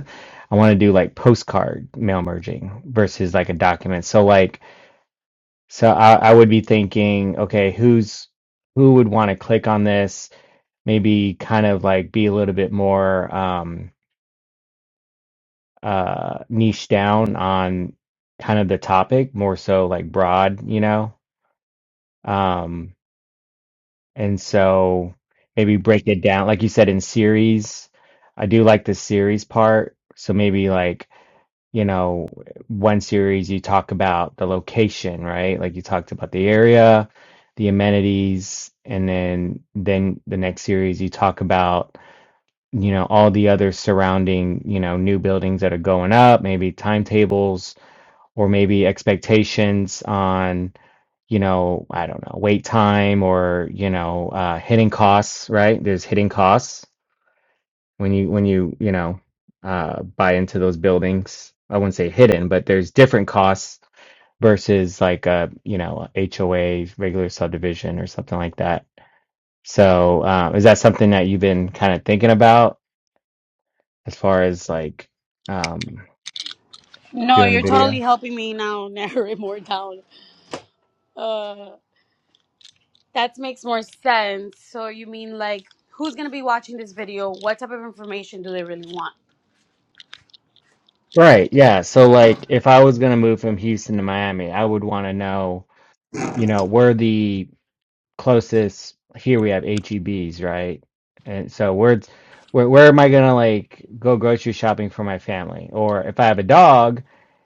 L: I want to do like postcard mail merging versus like a document. So like, so I, I would be thinking, okay, who's who would want to click on this? maybe kind of like be a little bit more um, uh, niche down on kind of the topic, more so like broad, you know? Um, and so maybe break it down, like you said, in series. I do like the series part. So maybe like, you know, one series you talk about the location, right? Like you talked about the area, the amenities, and then then the next series you talk about you know all the other surrounding you know new buildings that are going up maybe timetables or maybe expectations on you know i don't know wait time or you know uh hitting costs right there's hitting costs when you when you you know uh buy into those buildings i wouldn't say hidden but there's different costs versus like a you know a HOA regular subdivision or something like that so uh, is that something that you've been kind of thinking about as far as like um
M: no
L: doing the
M: you're totally
L: video.
M: helping me now [laughs] narrow it more down uh that makes more sense so you mean like who's going to be watching this video what type of information do they really want
L: Right, yeah. So like if I was gonna move from Houston to Miami, I would wanna know, you know, where the closest here we have H E B's, right? And so where where where am I gonna like go grocery shopping for my family? Or if I have a dog,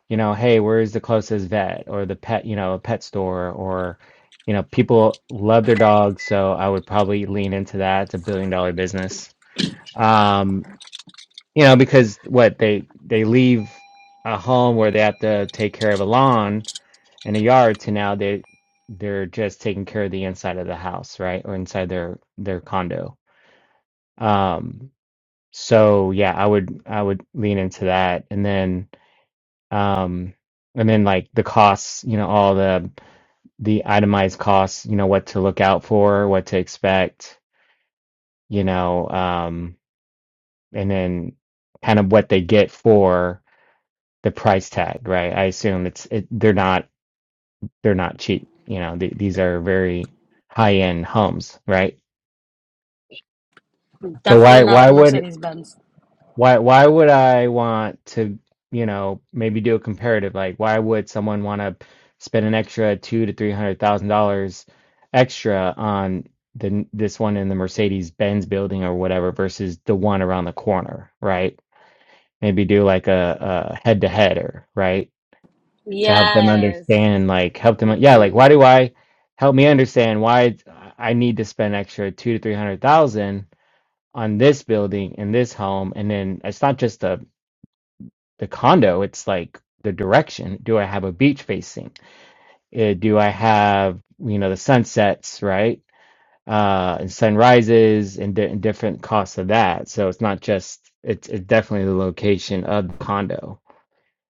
L: you know, hey, where's the closest vet or the pet, you know, pet store or you know, people love their dogs, so I would probably lean into that. It's a billion dollar business. Um, you know, because what they they leave a home where they have to take care of a lawn in a yard to now they they're just taking care of the inside of the house, right? Or inside their their condo. Um so yeah, I would I would lean into that and then um and then like the costs, you know, all the the itemized costs, you know, what to look out for, what to expect, you know, um and then kind of what they get for the price tag, right? I assume it's it, they're not they're not cheap. You know, th- these are very high end homes, right? So
M: definitely
L: why
M: not
L: why
M: the
L: would
M: mercedes-benz
L: why why would I want to, you know, maybe do a comparative? Like, why would someone want to spend an extra two to three hundred thousand dollars extra on the this one in the Mercedes Benz building or whatever versus the one around the corner, right? Maybe do like a, a head to header, right? to help them
M: yes
L: understand like help them yeah
M: hmm
L: like why do i help me understand why it's- i need to spend extra two to three hundred thousand on this building in this home and then it's not just the the condo it's like the direction do i have a beach facing Uh, do i have you know the sunsets right uh and sunrises and, di- and different costs of that so it's not just it's, it's definitely the location of the condo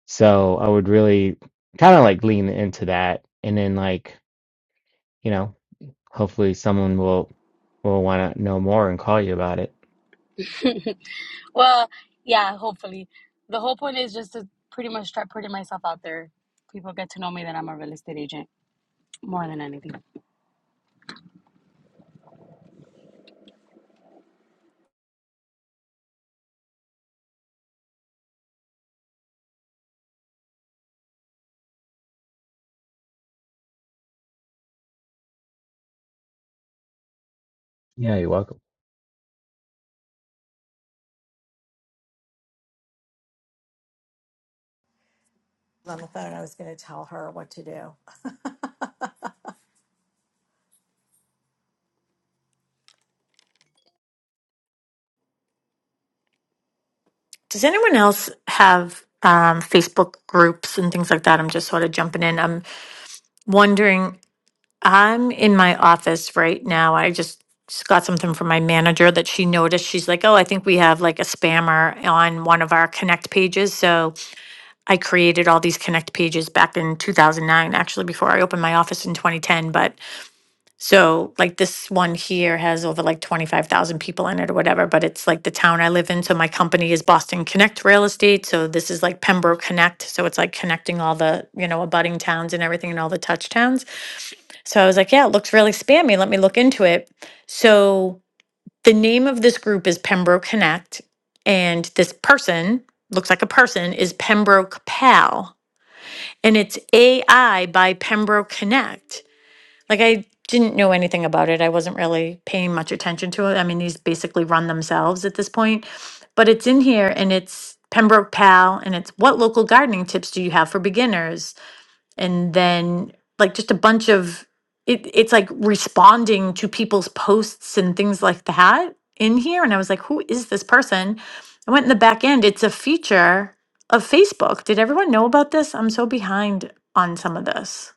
L: so i would really kind of like lean into that and then like you know, hopefully someone will will want to know more and call you about it.
M: [laughs] well, yeah, hopefully. The whole point is just to pretty much start putting myself out there. People get to know me that I'm a real estate agent more than anything.
L: Yeah, you're welcome.
H: On the phone, I was gonna tell her what to do.
G: Does anyone else have um, Facebook groups and things like that? I'm just sort of jumping in. I'm wondering. I'm in my office right now. I just s- got something from my manager that she noticed. She's like, "Oh, I think we have like a spammer on one of our connect pages." So I created all these connect pages back in 2009, actually before I opened my office in 2010, but so like this one here has over like 25,000 people in it or whatever, but it's like the town I live in. So my company is Boston Connect Real Estate. So this is like Pembroke Connect. So it's like connecting all the, you know, abutting towns and everything and all the touch towns. So I was like, yeah, it looks really spammy. Let me look into it. So the name of this group is Pembroke Connect. And this person looks like a person is Pembroke Pal. And it's AI by Pembroke Connect. Like I didn't know anything about it. I wasn't really paying much attention to it. I mean, these basically run themselves at this point. But it's in here and it's Pembroke Pal and it's what local gardening tips do you have for beginners? And then like just a bunch of it it's like responding to people's posts and things like that in here and I was like, "Who is this person?" I went in the back end. It's a feature of Facebook. Did everyone know about this? I'm so behind on some of this.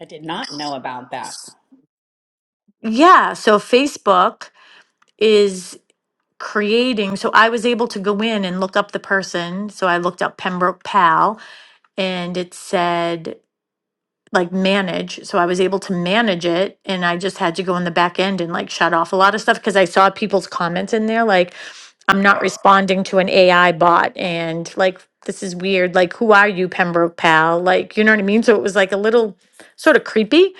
N: I did not know about that.
G: Yeah. So Facebook is creating. So I was able to go in and look up the person. So I looked up Pembroke Pal and it said like manage. So I was able to manage it and I just had to go in the back end and like shut off a lot of stuff because I saw people's comments in there like, I'm not responding to an AI bot and like, this is weird. Like, who are you, Pembroke Pal? Like, you know what I mean? So it was like a little sort of creepy.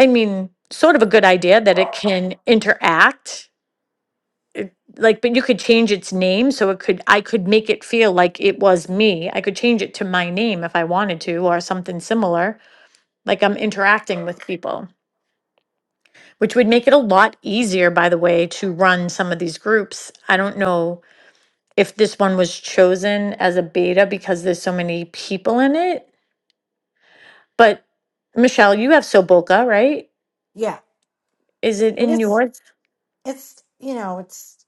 G: I mean, sort of a good idea that it can interact like but you could change its name so it could i could make it feel like it was me i could change it to my name if i wanted to or something similar like i'm interacting with people which would make it a lot easier by the way to run some of these groups i don't know if this one was chosen as a beta because there's so many people in it but michelle you have soboka right
H: Yeah,
G: is it
H: but
G: in
H: it's
G: yours
H: it's you know it's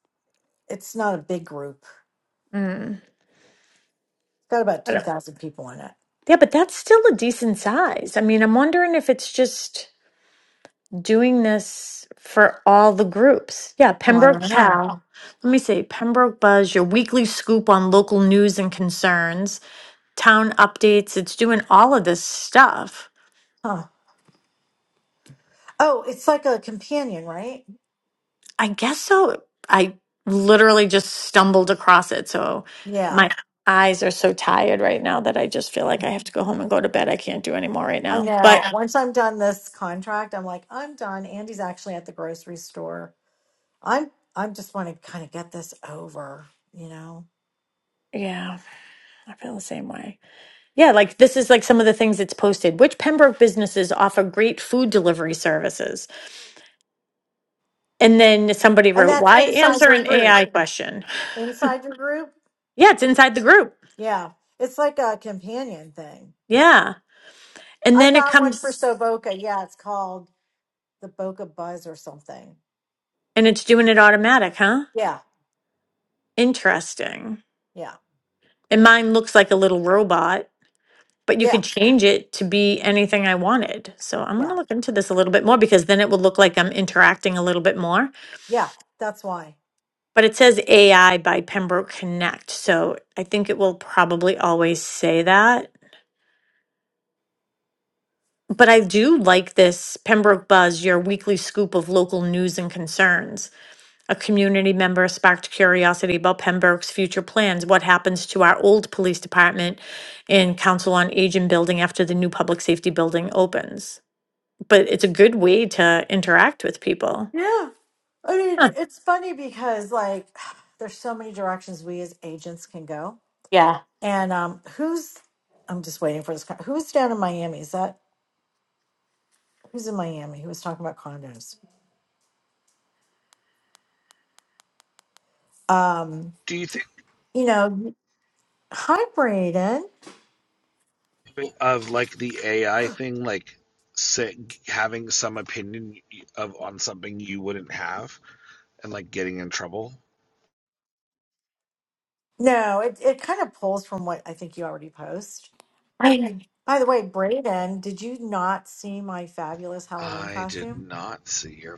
H: it's not a big group. It's
G: mm.
H: got about two thousand people in it.
G: yeah but that's still a decent size i mean i'm wondering if it's just doing this for all the groups. Yeah,
H: Oh, I
G: Pembroke
H: don't know.
G: Pal. Let me see. Pembroke Buzz, your weekly scoop on local news and concerns, town updates. It's doing all of this stuff.
H: Huh? Oh, it's like a companion, right?
G: I guess so. I literally just stumbled across it. So my
H: Yeah,
G: eyes are so tired right now that I just feel like I have to go home and go to bed. I can't do any more right
H: I
G: now. But
H: know. Once I'm done this contract, I'm like I'm done. Andy's actually at the grocery store. I'm I'm just want to kind of get this over, you know.
G: yeah, I feel the same way. Yeah, like this is like some of the things it's posted. Which Pembroke businesses offer great food delivery services? And then somebody
H: And
G: wrote,
H: that's
G: why
H: inside
G: answer
H: your
G: an
H: group.
G: AI question?
H: Inside your group,
G: Yeah, it's inside the group.
H: Yeah, it's like a companion thing.
G: Yeah. And
H: I've
G: then it
H: got one for
G: comes
H: Soboka. Yeah, it's called the Boca Buzz or something.
G: and it's doing it automatic, huh?
H: Yeah,
G: Interesting.
H: yeah,
G: And mine looks like a little robot, but you
H: yeah,
G: could change it to be anything I wanted. So I'm going to
H: yeah,
G: look into this a little bit more because then it will look like I'm interacting a little bit more.
H: yeah. That's why.
G: But it says AI by Pembroke Connect. So I think it will probably always say that. But I do like this Pembroke Buzz, your weekly scoop of local news and concerns. A community member sparked curiosity about Pembroke's future plans. What happens to our old police department and Council on Aging building after the new public safety building opens? But it's a good way to interact with people.
H: Yeah. I mean,
G: Huh,
H: it's funny because like [sighs] there's so many directions we as agents can go.
G: Yeah.
H: And um who's I'm just waiting for this con- who's down in Miami? Is that who's in Miami? Who was talking about condos? Um,
F: Do you think
H: you know, hi Braden.
F: of like the AI thing, like say, having some opinion of on something you wouldn't have and like getting in trouble?
H: No, it, it kind of pulls from what I think you already post
G: [laughs] I-
H: By the way, Brayden, did you not see my fabulous Halloween
F: I did
H: costume?
F: not see or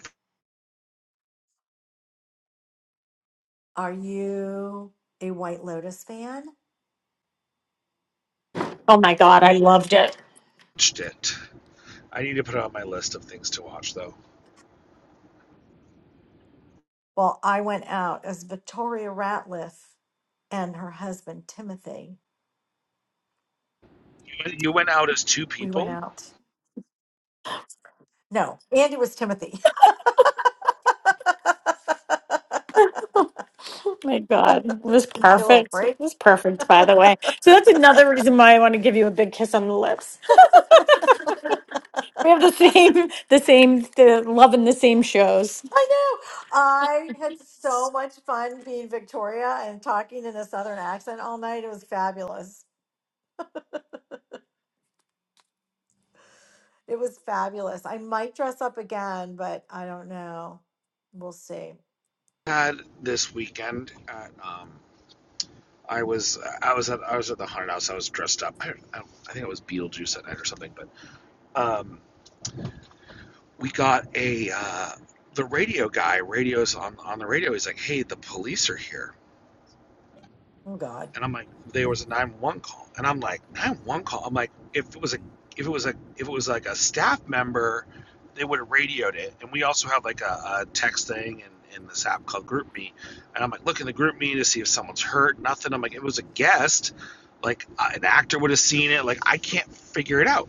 H: Are you a White Lotus fan?
G: Oh my God, I loved it.
F: watched it. I need to put it on my list of things to watch though.
H: Well, I went out as Victoria Ratliff and her husband Timothy.
F: You went out as two
H: We went
F: people.
H: out. No, Andy was Timothy. [laughs]
G: Oh my God. It was
H: you little
G: perfect. It
H: freak.
G: was perfect, by the way. So that's another reason why I want to give you a big kiss on the lips. [laughs] We have the
H: [laughs]
G: [laughs] same, the same, the love in the same shows.
H: I know. I had so much fun being Victoria and talking in a Southern accent all night. It was fabulous. It was fabulous. I might dress up again, but I don't know. We'll see.
F: Had this weekend at um, I was I was at I was at the haunted house. I was dressed up. I, I, I think it was Beetlejuice that night or something. But um, we got a uh, the radio guy. Radios on on the radio. He's like, "Hey, the police are here."
H: Oh God.
F: and I'm like, there was a 911 call, and I'm like, 911 call. I'm like, if it was a, if it was a, if it was like a staff member, they would have radioed it. And we also have like a, a text thing and in this app called GroupMe. and I'm like, look in the GroupMe to see if someone's hurt. Nothing. I'm like, it was a guest, like uh, an actor would have seen it. Like I can't figure it out.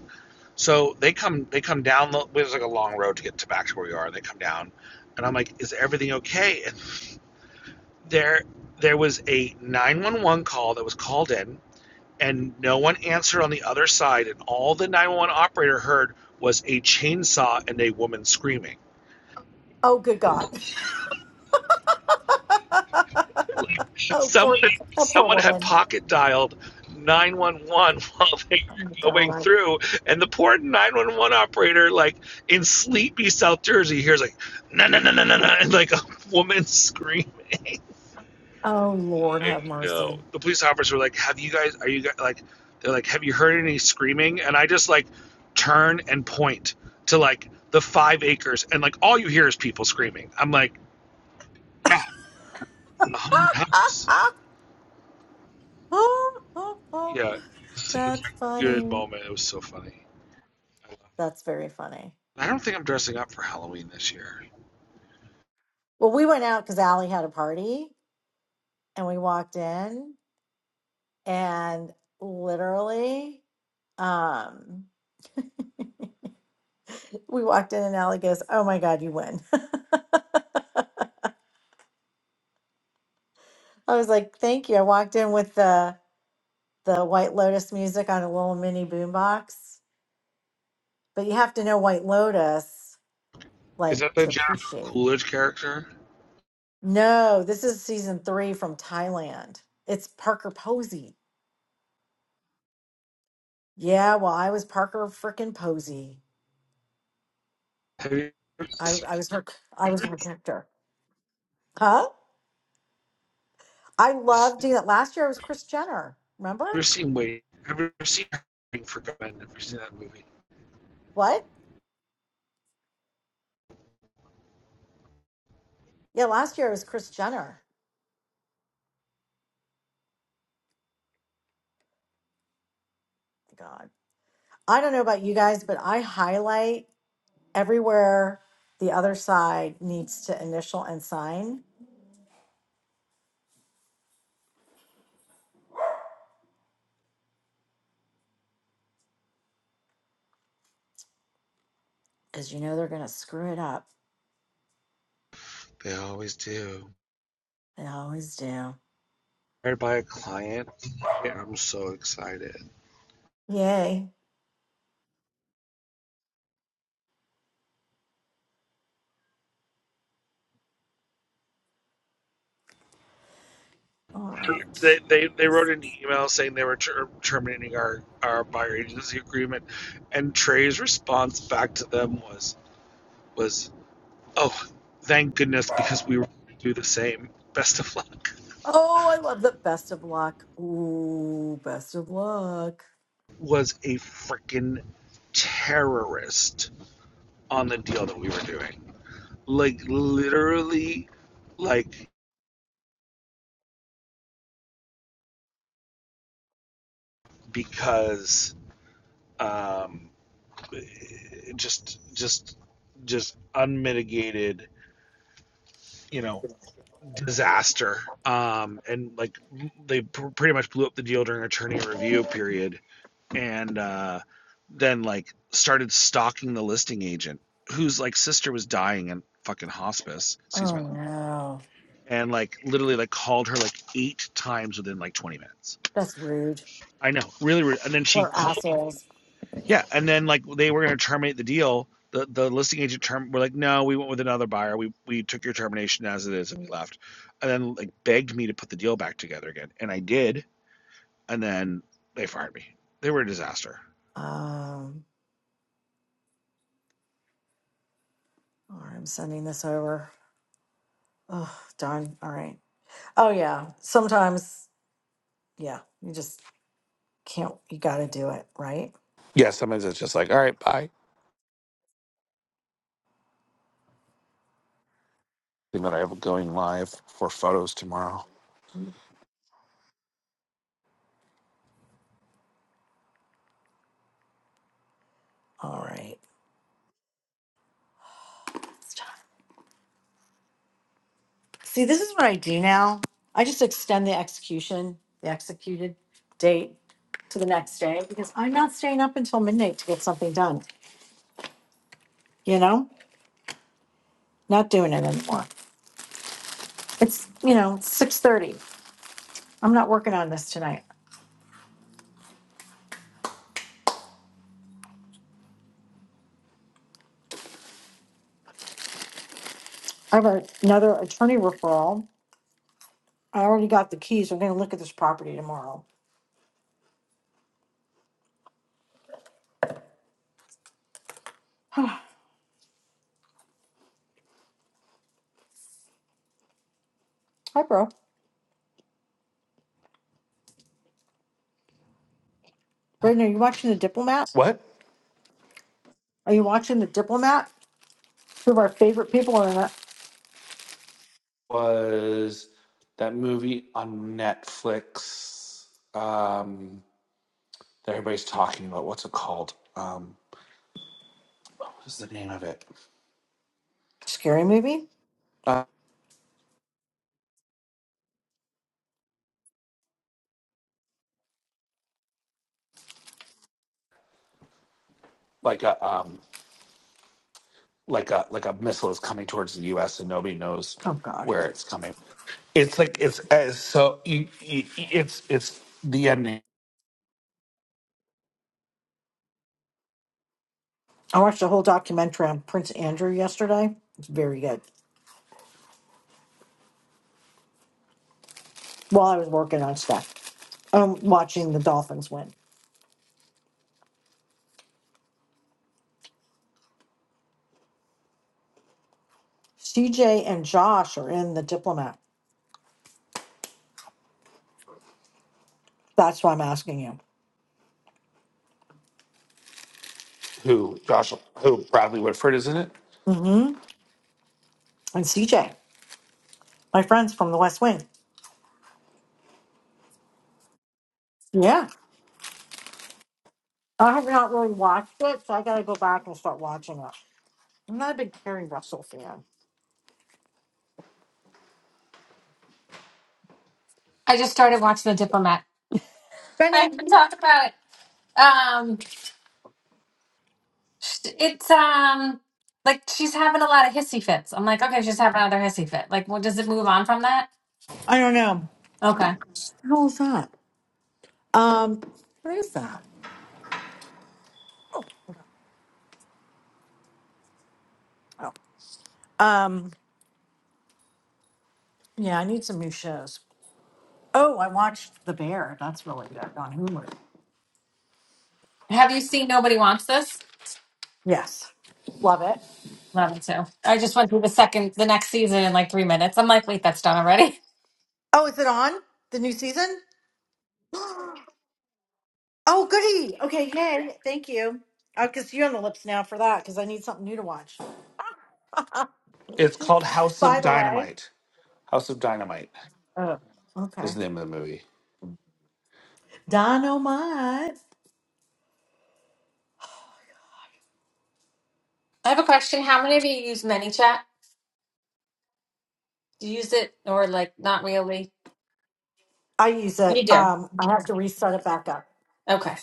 F: So they come, they come down. the- It was like a long road to get to back to where we are. And they come down, and I'm like, is everything okay? And there there was a 911 call that was called in and no one answered on the other side and all the 911 operator heard was a chainsaw and a woman screaming.
H: Oh good God. [laughs] oh
F: Someone
H: poor that poor
F: someone had
H: woman.
F: pocket dialed 911 while they
H: Oh,
F: were going
H: God.
F: through and the poor 911 operator like in sleepy South Jersey hears like na na na na na na and like a woman [laughs] scream
H: Oh Lord
F: I
H: have
F: know.
H: mercy.
F: The police officers were like, "Have you guys? Are you guys like?" They're like, "Have you heard any screaming?" And I just like turn and point to like the five acres, and like all you hear is people screaming. I'm like, "Yeah, it's a hundred house." Yeah,
H: [laughs]
F: such a
H: That's
F: good
H: funny.
F: moment. It was so funny.
H: That's very funny.
F: I don't think I'm dressing up for Halloween this year.
H: Well, we went out because Allie had a party and we walked in and literally um We walked in and Allie goes, "Oh my God, you win!" [laughs] I was like, "Thank you." I walked in with the the White Lotus music on a little mini boombox, but you have to know White Lotus
F: Is
H: like
F: that the
H: to
F: Jennifer
H: appreciate.
F: Coolidge character?
H: No, this is season three from Thailand. It's Parker Posey. Yeah, well, I was Parker frickin' Posey.
F: Have you ever
H: I
F: seen,
H: I was her I was her character. Huh? I loved doing that. Last year I was Chris Jenner. Remember?
F: Wait? Have you ever seen Hurting for Government? Have you seen that movie?
H: What? Yeah, last year I was Chris Jenner. God. I don't know about you guys, but I highlight everywhere the other side needs to initial and sign because you know they're going to screw it up.
F: They always do.
H: They always do.
F: hired by a client I'm so excited.
H: Yay. All right.
F: They, they, they wrote an email saying they were ter- terminating our, our buyer agency agreement, and Trey's response back to them was was oh thank goodness because we were going to do the same. Best of luck.
H: Oh, I love the best of luck. Ooh, best of luck.
F: Was a freaking terrorist on the deal that we were doing. Like literally, like because um, just just just unmitigated you know disaster um and like they pr- pretty much blew up the deal during attorney review period and uh then like started stalking the listing agent whose like sister was dying in fucking hospice excuse my
H: Oh,
F: love
H: no.
F: and like literally like called her like eight times within like 20 minutes
H: That's rude.
F: i know really rude. and then she
H: We're
F: called
H: assholes.
F: Yeah, and then like they were going to terminate the deal. The the listing agent term were like, no, we went with another buyer. We we took your termination as it is, and we left. And then like begged me to put the deal back together again, and I did. And then they fired me. They were a disaster.
H: Um, all right, I'm sending this over. Oh, darn. All right. Oh, yeah. Sometimes, yeah, you just can't, you got to do it, right?
F: Yeah, sometimes it's just like, all right, bye. I Think that I have going live for photos tomorrow.
H: All right. See, this is what I do now. I just extend the execution, the executed date to the next day because I'm not staying up until midnight to get something done. You know, not doing it anymore. It's you know six thirty. I'm not working on this tonight. I have a- another attorney referral. I already got the keys. I'm going to look at this property tomorrow. [sighs] Hi, bro. Braden, are you watching The Diplomat?
F: What
H: Are you watching The Diplomat? Two of our favorite people in that
F: was that movie on Netflix um, that everybody's talking about? What's it called? Um, what's the name of it?
H: scary movie.
F: Uh, like a um, like a like a missile is coming towards the U.S. and nobody knows
H: Oh God.
F: where it's coming. It's like it's as so you, you, it's it's the ending
H: I watched a whole documentary on Prince Andrew yesterday. It's very good. While I was working on stuff, um, watching the Dolphins win. CJ and Josh are in the Diplomat. That's why I'm asking you.
F: who Josh who Bradley Whitford is in it.
H: Mm-hmm. And CJ, my friends from the West Wing. Yeah, I have not really watched it, so I got to go back and start watching it. I'm not a big Carrie Russell fan.
O: I just started watching The Diplomat. I have
H: Benny,
O: to talk about it. Um, it's um like she's having a lot of hissy fits. I'm like, okay, she's having another hissy fit. Like, well, does it move on from that?
H: I don't know.
O: Okay.
H: the hell is that? Um, what is that? Oh, um, yeah, I need some new shows. Oh, I watched The Bear. That's really good on Hulu.
O: Have you seen Nobody Wants This?
H: Yes. Love it.
O: Love it too. I just went through the second, the next season in like three minutes. I'm like, wait, that's done already.
H: Oh, is it on the new season? [gasps] Oh, goody. Okay, yay. Thank you. I'll kiss you on the lips now for that because I need something new to watch.
F: It's called House
H: By
F: of
H: the way,
F: Dynamite. House of Dynamite
H: Oh.
F: is
H: okay.
F: the name of the movie.
H: Dynamite.
O: [laughs] I have a question. How many of you use ManyChat? Do you use it or like not really?
H: I use
O: You
H: it.
O: do.
H: Um, I have to reset it back up.
O: Okay.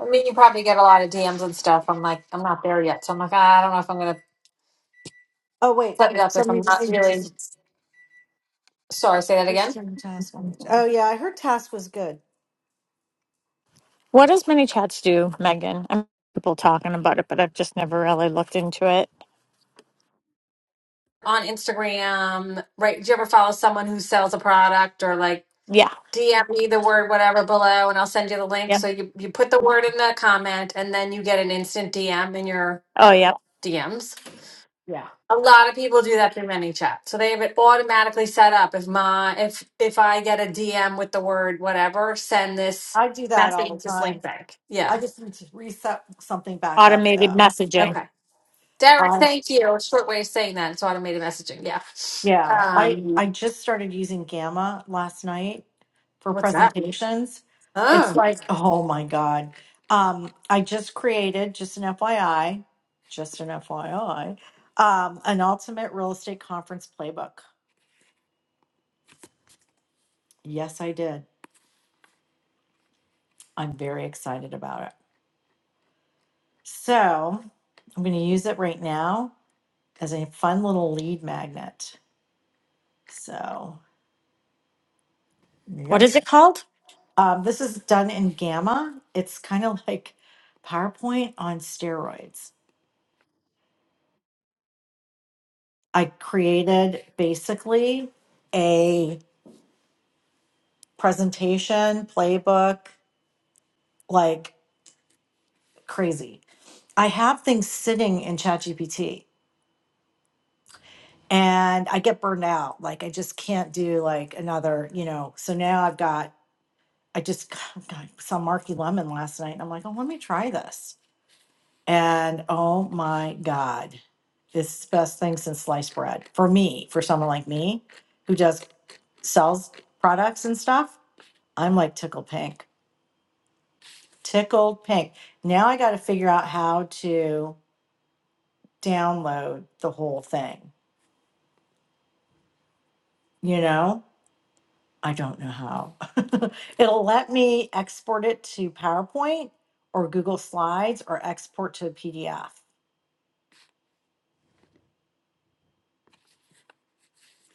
O: I mean, you probably get a lot of DMs and stuff. I'm like, I'm not there yet. So I'm like, I don't know if I'm going to
H: Oh wait,
O: set it up if
H: somebody
O: I'm not
H: just changed this.
O: really sorry. Say that
H: This
O: again.
H: turned to task. Oh yeah, I heard task was good.
G: What does mini chats do, Megan? I'm people talking about it, but I've just never really looked into it.
O: On Instagram, right? Do you ever follow someone who sells a product or like
G: Yeah.
O: DM me the word whatever below and I'll send you the link?
G: yeah.
O: So you, you put the word in the comment and then you get an instant DM in your
G: Oh, yeah.
O: DMs.
H: Yeah,
O: A lot of people do that through ManyChat. So they have it automatically set up. If my if if I get a DM with the word whatever, send this
H: I do that
O: message
H: all
O: with
H: the
O: this link
H: time.
O: back.
H: I
O: Yeah.
H: just need to reset something back up
G: Automated
H: though.
G: messaging.
O: Okay. Derek, thank you. A short way of saying that. It's automated messaging. Yeah.
H: Yeah, I
O: Um,
H: Mhm. I just started using Gamma last night for
O: what's that?
H: presentations. It's
O: Oh,
H: like, oh my God. Um, I just created, just an FYI, just an FYI, um, an ultimate real estate conference playbook. Yes, I did. I'm very excited about it. So I'm going to use it right now as a fun little lead magnet. So,
G: What
H: yep.
G: is it called?
H: Um, this is done in Gamma. It's kind of like PowerPoint on steroids. I created basically a presentation, playbook, like crazy. I have things sitting in ChatGPT and I get burned out. Like I just can't do like another, you know. So now I've got I just [laughs] [sighs] got some Marky Lemon last night and I'm like, oh, let me try this. And oh my God, it's the best thing since sliced bread for me, for someone like me who does sells products and stuff. I'm like tickled pink, tickled pink. Now I got to figure out how to download the whole thing. You know, I don't know how. [laughs] It'll let me export it to PowerPoint or Google Slides or export to a PDF.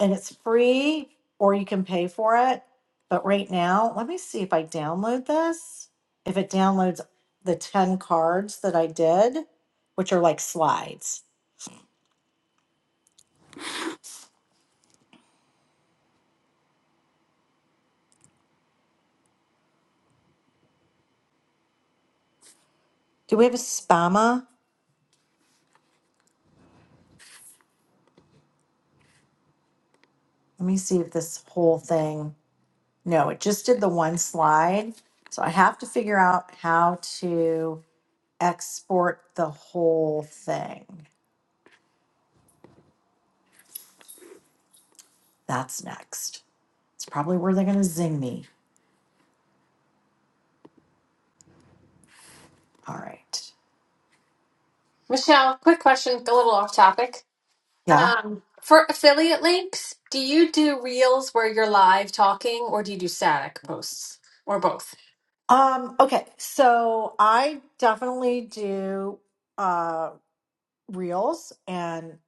H: and it's free or you can pay for it. But right now, let me see if I download this. If it downloads the 10 cards that I did, which are like slides. Do we have a spammer? Let me see if this whole thing. No, it just did the one slide. So I have to figure out how to export the whole thing. That's next. It's probably where they're going to zing me. All right.
O: Michelle, quick question, a little off topic.
H: Yeah.
O: Um, for affiliate links, do you do reels where you're live talking or do you do static posts or both?
H: Um, okay, so I definitely do uh reels and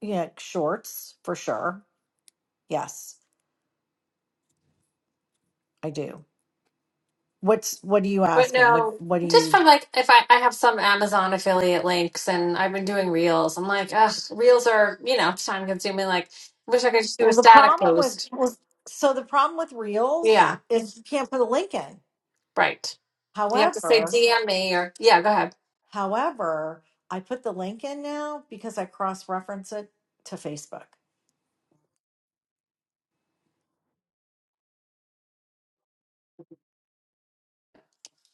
H: yeah, shorts for sure. Yes, I do. What's what are you
O: But
H: asking? What
O: no,
H: what do
O: just
H: you
O: from like if I, I have some Amazon affiliate links and I've been doing reels, I'm like, ugh, reels are, you know, time consuming. Like, wish I could just do a
H: Well, the
O: static
H: problem with
O: post.
H: well, so the problem with reels
O: Yeah.
H: is you can't put a link in.
O: Right. You have to say
H: However,
O: DM me or, yeah, go ahead.
H: however, I put the link in now because I cross-reference it to Facebook.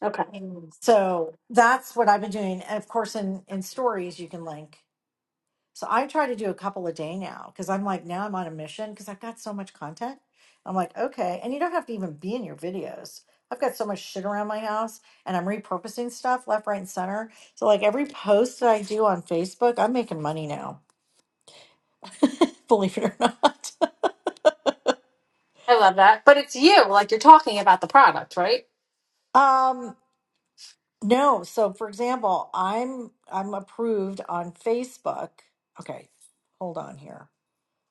O: Okay. Mm.
H: So that's what I've been doing. And of course in in stories you can link So I try to do a couple a day now because I'm like, now I'm on a mission because I've got so much content. I'm like, okay. And you don't have to even be in your videos. I've got so much shit around my house and I'm repurposing stuff left, right, and center. So, like, every post that I do on Facebook, I'm making money now, [laughs] believe it or not. [laughs]
O: I love that. But it's you. Like you're talking about the product, right?
H: Um, no. So for example, I'm I'm approved on Facebook. Okay, hold on here.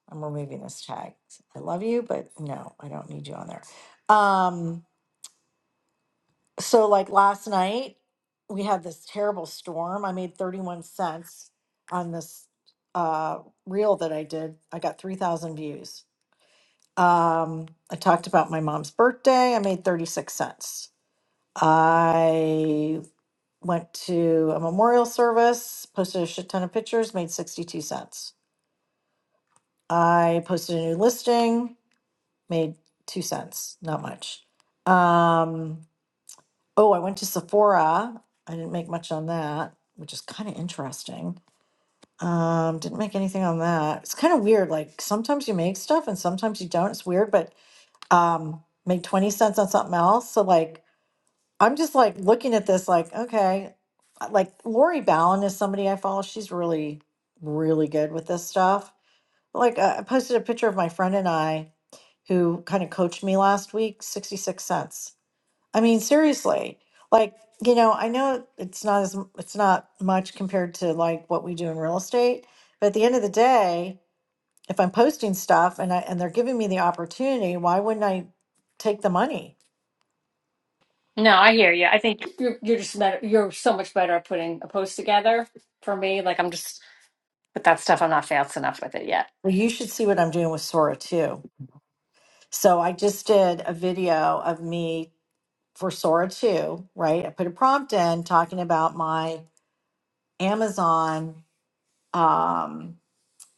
H: I'm removing this tag. I love you, but no, I don't need you on there. Um, So like last night, we had this terrible storm. I made 31 cents on this uh, reel that I did. I got 3,000 views. Um, I talked about my mom's birthday. I made 36 cents. I went to a memorial service, posted a shit ton of pictures, made 62 cents. I posted a new listing, made two cents, not much. Um, Oh, I went to Sephora. I didn't make much on that, which is kind of interesting. Um, didn't make anything on that. It's kind of weird. Like sometimes you make stuff and sometimes you don't. It's weird, but um, made 20 cents on something else. So like I'm just like looking at this like, okay, uh, like Lori Ballin is somebody I follow. She's really, really good with this stuff. Like uh, I posted a picture of my friend and I who kind of coached me last week, 66 cents. I mean, seriously, like, you know, I know it's not as it's not much compared to like what we do in real estate, but at the end of the day, if I'm posting stuff and I and they're giving me the opportunity, why wouldn't I take the money?
O: No, I hear you. I think you're, you're just better. You're so much better at putting a post together. For me, like I'm just with that stuff. I'm not fast enough with it yet.
H: Well, you should see what I'm doing with Sora too. So I just did a video of me for Sora too, right? I put a prompt in talking about my Amazon um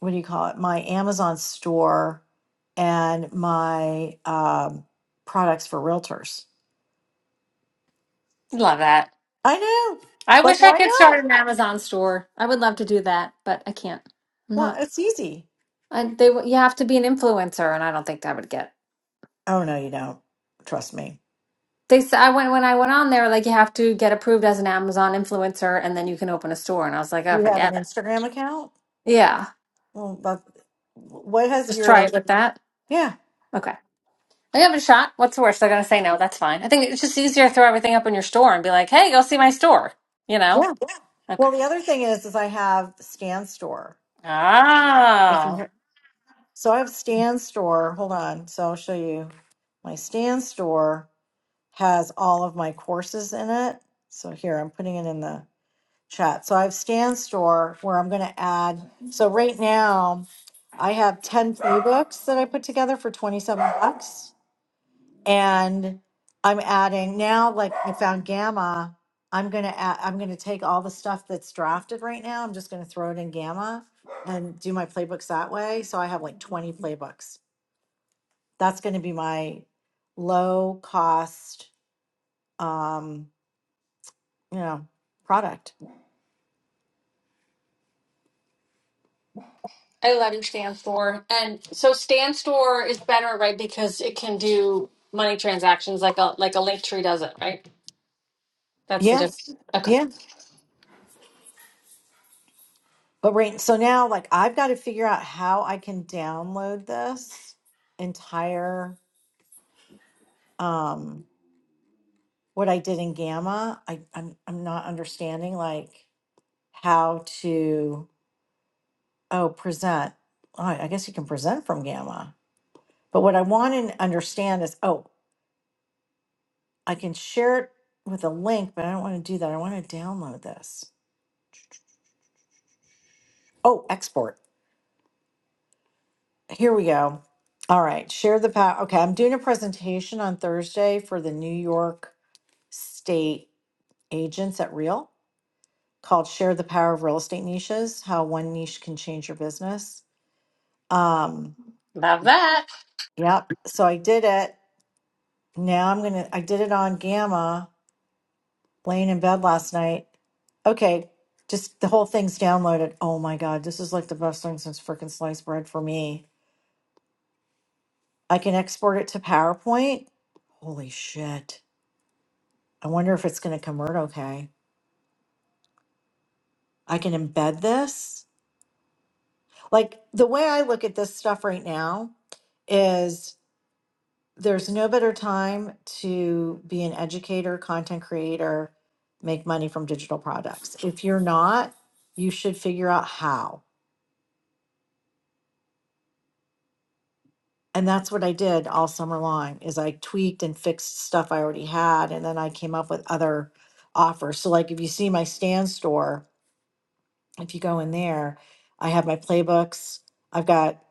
H: what do you call it my amazon store and my um, products for realtors
O: Love that.
H: i know
O: I
H: like
O: wish I
H: why
O: could
H: not
O: start an Amazon store. I would love to do that, but I can't. I'm
H: well
O: not.
H: it's easy
O: I, they w- you have to be an influencer, and I don't think I would get.
H: oh no you don't trust me
O: They said I went when I went on there, like you have to get approved as an Amazon influencer and then you can open a store. And I was like, oh,
H: you have an
O: forget it.
H: instagram account
O: Yeah,
H: well but what has
O: just try
H: your
O: it with that.
H: yeah
O: Okay. I give it a shot. What's the worst? They're gonna say no. That's fine. I think it's just easier to throw everything up in your store and be like, "Hey, go see my store." You know?
H: yeah well
O: Okay.
H: the other thing is is i have stan store if
O: Ah,
H: you so i have stan store hold on so i'll show you my stan store has all of my courses in it so here i'm putting it in the chat. So I have Stan Store where I'm going to add. So right now, I have 10 playbooks that I put together for 27 bucks. And I'm adding now, like I found Gamma. I'm going to add, I'm going to take all the stuff that's drafted right now. I'm just going to throw it in Gamma and do my playbooks that way. So I have like 20 playbooks. That's going to be my low cost, um, you know, product.
O: I love your stand store, and so stand store is better, right? Because it can do money transactions like a like a Linktree does it, right? That's the
H: Yeah.
O: difference. Okay,
H: Yeah. But right, so now like I've got to figure out how I can download this entire um what I did in Gamma. I I'm I'm not understanding like how to oh present. Oh, I guess you can present from Gamma. But what I want to understand is oh, I can share it with a link, but I don't want to do that. I want to download this. Oh, export. Here we go. All right, share the power. Okay, I'm doing a presentation on Thursday for the New York state agents at Real called Share the Power of Real Estate Niches, how one niche can change your business. Um,
O: love that.
H: yep. So I did it. Now I'm going to, I did it on Gamma, laying in bed last night. Okay. Just the whole thing's downloaded. Oh my God. This is like the best thing since freaking sliced bread for me. I can export it to PowerPoint. Holy shit. I wonder if it's going to convert okay. I can embed this. Like the way I look at this stuff right now is there's no better time to be an educator, content creator, make money from digital products. If you're not, you should figure out how. And that's what I did all summer long is I tweaked and fixed stuff I already had and then I came up with other offers. So like if you see my stand store, if you go in there, I have my playbooks. I've got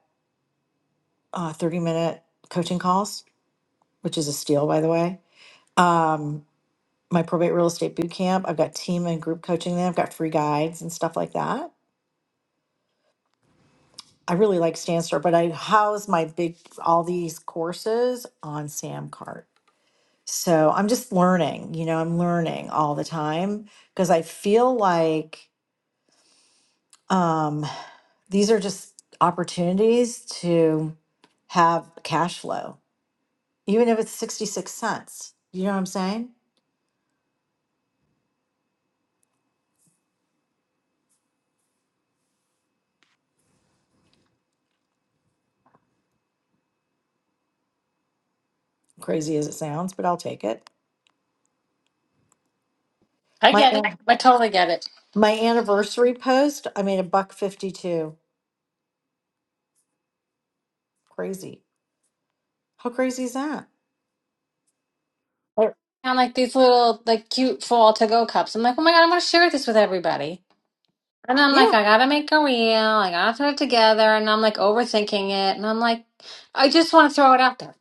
H: uh, 30 minute coaching calls, which is a steal by the way um, my probate real estate boot camp. I've got team and group coaching there. I've got free guides and stuff like that. I really like Stanstore, but I house my big all these courses on Samcart. So I'm just learning, you know, I'm learning all the time because I feel like um, these are just opportunities to have cash flow, even if it's 66 cents. You know what I'm saying? Crazy as it sounds, but I'll take it.
O: I
H: My
O: get
H: aunt
O: it. I totally get it.
H: My anniversary post, I made a buck 52. Crazy. How crazy is that? Or-
O: on like these little like cute fall to go cups. I'm like, oh my god, I want to share this with everybody. And I'm like,
H: Yeah,
O: I gotta make a reel. I gotta put it together. And I'm like overthinking it. And I'm like, I just want to throw it out there.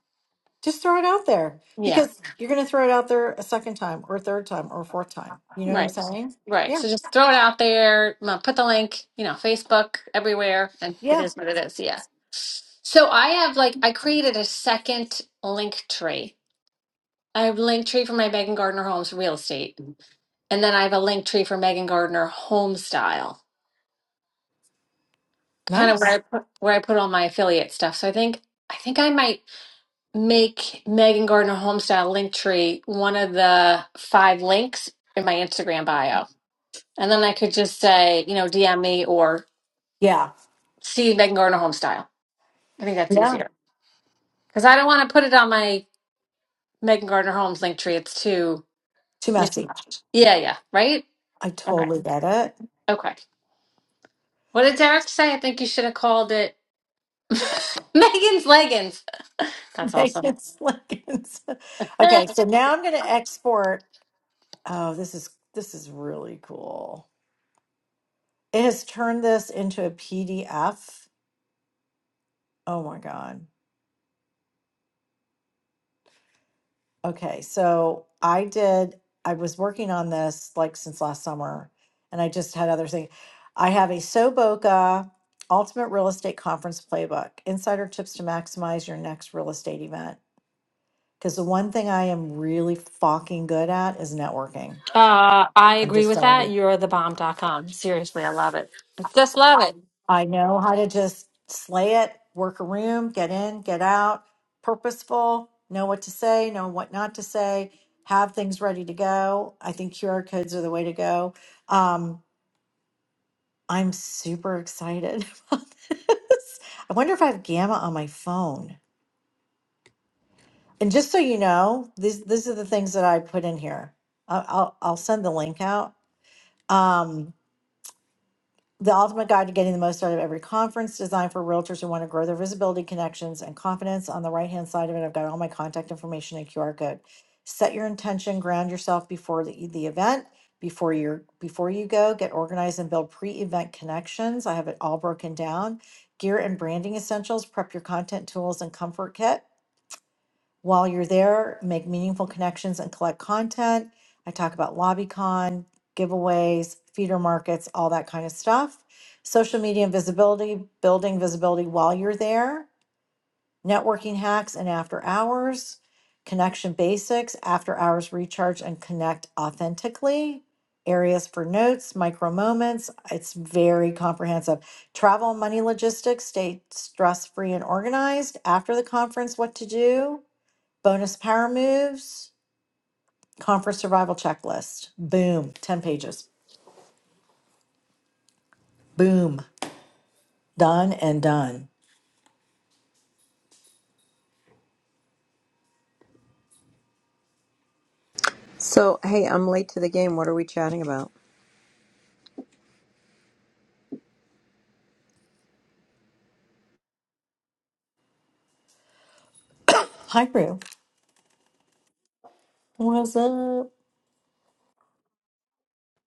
H: just throw it out there
O: Yeah,
H: because you're going to throw it out there a second time or a third time or a fourth time. You know what I'm
O: right,
H: saying?
O: right.
H: Yeah.
O: So just throw it out there. uh, Put the link, you know, Facebook everywhere, and it
H: Yeah.
O: is what it is. Yeah. So I have like I created a second link tree. I have link tree for my Megan Gardner Homes real estate, and then I have a link tree for Megan Gardner home style. kind of where I
H: Nice.
O: put where I put all my affiliate stuff. So I think I think I might make Megan Gardner Homestyle Linktree one of the five links in my Instagram bio, and then I could just say you know DM me or
H: Yeah.
O: see Megan Gardner Homestyle. I think that's
H: Yeah.
O: easier because I don't want to put it on my Megan Gardner Homes Linktree; It's too
H: Too messy.
O: mismatched. Yeah, yeah, right.
H: I
O: Okay,
H: totally get it.
O: okay. What did Derek say? I think you should have called it [laughs] Megan's leggings. That's
H: [laughs]
O: awesome.
H: Megan Slickens.
O: [laughs]
H: Okay, so now I'm going to export. Oh, this is this is really cool. It has turned this into a PDF. Oh my god. Okay, so I did, I was working on this like since last summer, and I just had other things. I have a SoBoca Ultimate Real Estate Conference Playbook, insider tips to maximize your next real estate event. Because the one thing I am really fucking good at is networking.
O: Uh, I
H: I'm
O: agree
H: just
O: with
H: saying.
O: that. You're the bomb. dot com. Seriously, I love it. Just love it.
H: I know how to just slay it, work a room, get in, get out, purposeful, know what to say, know what not to say, have things ready to go. I think QR codes are the way to go. Um, I'm super excited [laughs] about this. I wonder if I have Gamma on my phone. And just so you know, these these are the things that I put in here. I'll I'll, I'll send the link out. Um, The ultimate guide to getting the most out of every conference designed for realtors who want to grow their visibility, connections, and confidence. On the right hand side of it, I've got all my contact information and QR code. Set your intention, ground yourself before the, the event, before you're before you go, get organized and build pre-event connections. I have it all broken down. Gear and branding essentials, prep your content tools and comfort kit while you're there, make meaningful connections and collect content. I talk about LobbyCon, giveaways, feeder markets, all that kind of stuff. Social media and visibility, building visibility while you're there, networking hacks and after hours, connection basics, after hours recharge and connect authentically, areas for notes, micro moments. It's very comprehensive. Travel and money logistics, stay stress free and organized. After the conference, what to do Bonus power moves, conference survival checklist. Boom, 10 pages. Boom, done and done.
P: So, hey, I'm late to the game. What are we chatting about?
H: Hi, Rue. What's up?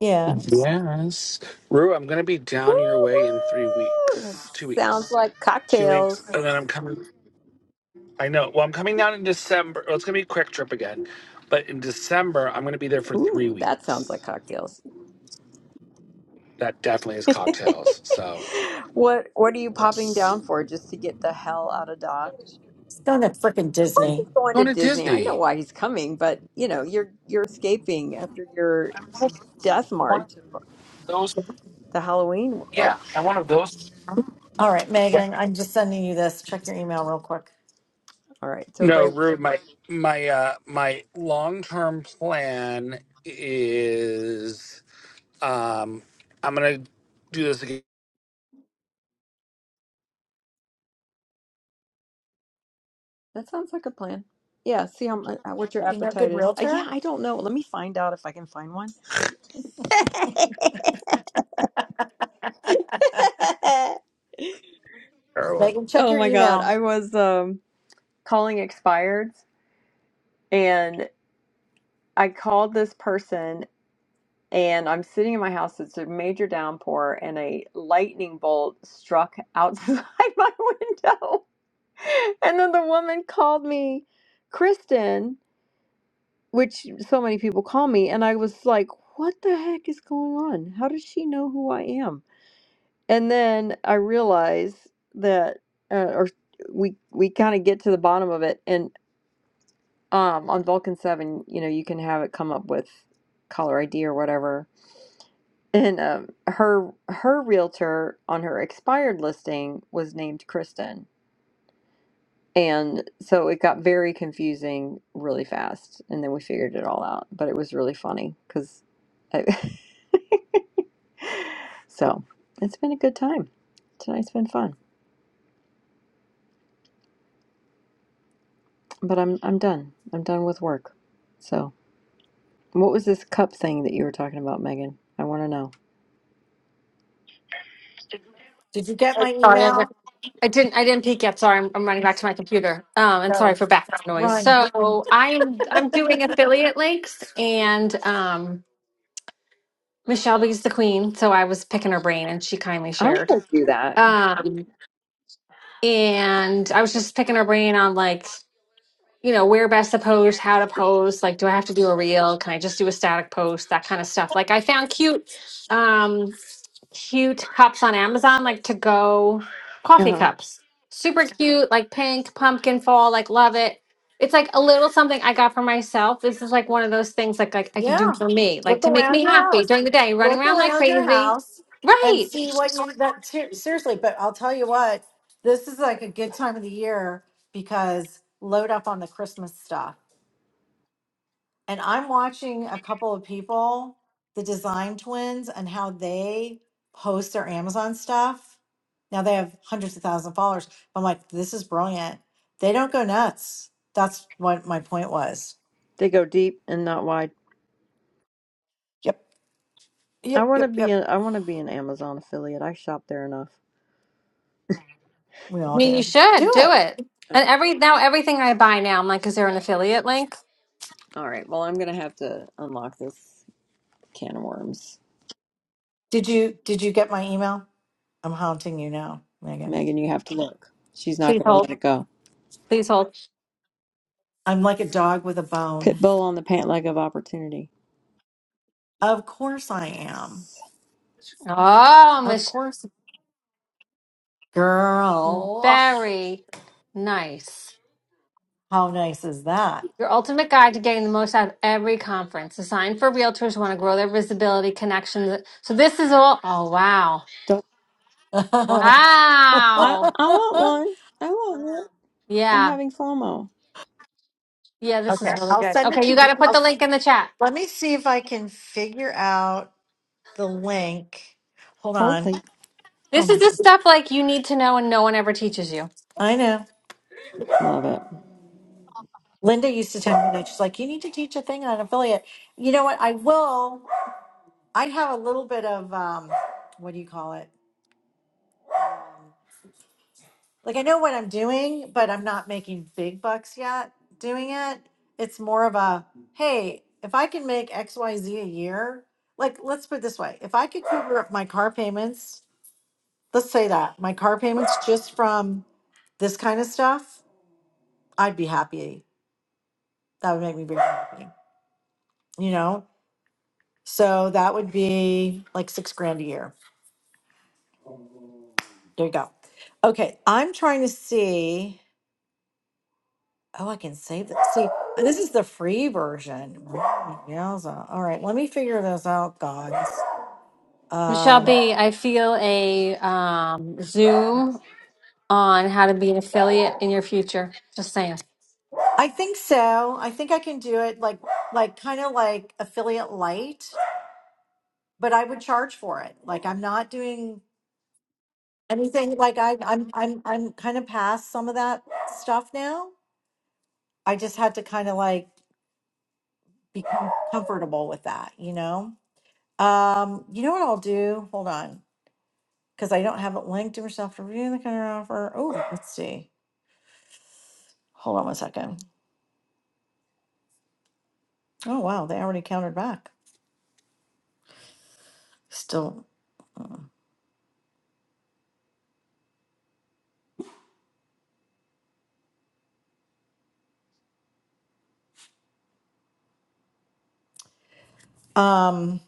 H: Yeah,
F: Yes, Rue, I'm gonna be down your way in three
P: Woo woo!
F: weeks, two
P: Sounds
F: weeks,
P: like
F: two weeks,
P: cocktails.
F: and then I'm coming. I know. Well, I'm coming down in December. Well, it's gonna be a quick trip again, but in December I'm gonna be there for three
P: Ooh, that sounds
F: weeks.
P: like cocktails.
F: That definitely is
P: [laughs]
F: cocktails. So
P: what What are you popping
F: yes,
P: down for? Just to get the hell out of Dodge?
H: it's going to freaking
P: Of course, he's
H: Disney.
P: going
F: going
P: to
F: to
P: Disney. I know
F: Disney.
P: why he's coming, but you know, you're you're escaping after your
F: [laughs]
P: death march, of
F: Those
P: the Halloween world.
H: All right, Megan, I'm just sending you this. Check your email real quick.
P: All right, so
F: no,
P: break.
F: rude. My my uh my long term plan is um I'm gonna do this again.
P: That sounds like a plan. Yeah, see how mu- uh, uh, what your
H: You know,
P: appetite
H: good
P: is. Uh, yeah,
H: realtor?
P: I don't know. Let me find out if I can find one. [laughs]
H: [laughs]
F: Terrible.
H: Megan, check
P: oh
H: your
P: my god,
H: email.
P: I was um calling expireds and I called this person and I'm sitting in my house. It's a major downpour and a lightning bolt struck outside [laughs] my window. And then the woman called me Kristen which so many people call me and i was like what the heck is going on how does she know who i am and then i realize that uh, or we we kind of get to the bottom of it and um on vulcan 7 you know you can have it come up with caller id or whatever and um, her her realtor on her expired listing was named kristen And so it got very confusing really fast, and then we figured it all out. But it was really funny because, I... [laughs] so it's been a good time. Tonight's been fun, but I'm I'm done. I'm done with work. So what was this cup thing that you were talking about, Megan? I want to know.
H: Did you get my
O: Sorry, I got-
H: email?
O: I didn't. I didn't peek yet. Sorry, I'm, I'm running back to my computer. Um, and sorry
H: Go
O: for background noise.
H: Run.
O: So I'm I'm doing affiliate links, and um, Michelle B's the queen. So I was picking her brain, and she kindly
P: I want
O: shared.
P: to do that.
O: Um, and I was just picking her brain on like you know where best to post, how to post. Like, do I have to do a reel? Can I just do a static post? That kind of stuff. Like, I found cute. Um. cute cups on Amazon, like to go
P: Uh
O: coffee
P: huh.
O: cups. Super cute, like pink, pumpkin fall, like love it. It's like a little something I got for myself. This is like one of those things like like I can do
H: Yeah.
O: for me, like
H: Look
O: to make
H: around
O: me
H: your
O: happy
H: house.
O: during the day, running
H: Look
O: around like
H: around your
O: crazy.
H: house and
O: Right.
H: see what
O: I
H: you that ser- seriously, but I'll tell you what, this is like a good time of the year because load up on the Christmas stuff. And I'm watching a couple of people, the design twins and how they post their Amazon stuff. Now they have hundreds of thousands of followers. I'm like, this is brilliant. They don't go nuts. That's what my point was.
P: They go deep and not wide.
H: Yep.
P: I
H: Yep.
P: want to
H: Yep.
P: be
H: Yep.
P: a, I want to be an Amazon affiliate. I shop there enough.
H: We all
O: mean, you
H: do.
O: should
H: Do
O: do
H: it.
O: it. And every now everything I buy now, I'm like, is there an affiliate link?
P: All right. Well, I'm gonna have to unlock this can of worms.
H: Did you did you get my email? I'm haunting you now, Megan.
P: Megan, you have to look. She's not
O: Please
P: going to
O: hold.
P: let it go.
O: Please hold.
H: I'm like a dog with a bone.
P: Pitbull on the pant leg of opportunity.
H: Of course I am.
P: Nice.
O: Oh,
H: Of
O: Miss,
H: course, girl.
O: very nice.
H: How nice is that?
O: Your ultimate guide to getting the most out of every conference, designed for realtors who want to grow their visibility, connections. So this is all. Oh wow,
P: Don't,
H: [laughs] okay,
P: I,
O: wow,
P: I want one. I want one. I'm
O: yeah,
P: having FOMO.
O: yeah. This is really
H: I'll
O: good.
H: send it
O: Okay,
H: to
O: you got
H: you.
O: to put
H: I'll,
O: the
H: s-
O: link in the chat.
H: let me see if I can figure out the link. Hold
P: Hold
H: on.
P: please.
O: This is
H: Um,
O: the stuff like you need to know, and no one ever teaches you.
H: I know.
P: I love it.
H: Linda used to tell me that she's like, you need to teach a thing on affiliate. You know what? I will. I have a little bit of um, what do you call it? like I know what I'm doing, but I'm not making big bucks yet doing it. It's more of a hey, if I can make X Y Z a year, like let's put it this way if I could cover up my car payments, let's say that my car payments just from this kind of stuff, I'd be happy. That would make me very happy, you know? So that would be like six grand a year. There you go. Okay, I'm trying to see. Oh, I can save this. See, this is the free version. Mm, Yowza. All right, let me figure this out, gods.
O: Michelle
H: Um,
O: B, I feel a um, Zoom on how to be an affiliate in your future. Just saying.
H: I think so. I think I can do it like like kind of like affiliate light, but I would charge for it. Like I'm not doing anything like I I'm I'm I'm kind of past some of that stuff now. I just had to kind of like become comfortable with that, you know? Um, you know what I'll do? Hold on. because I don't have it linked to herself to review the counteroffer. Oh, let's see. Hold on one second. Oh wow, they already countered back. Still, um,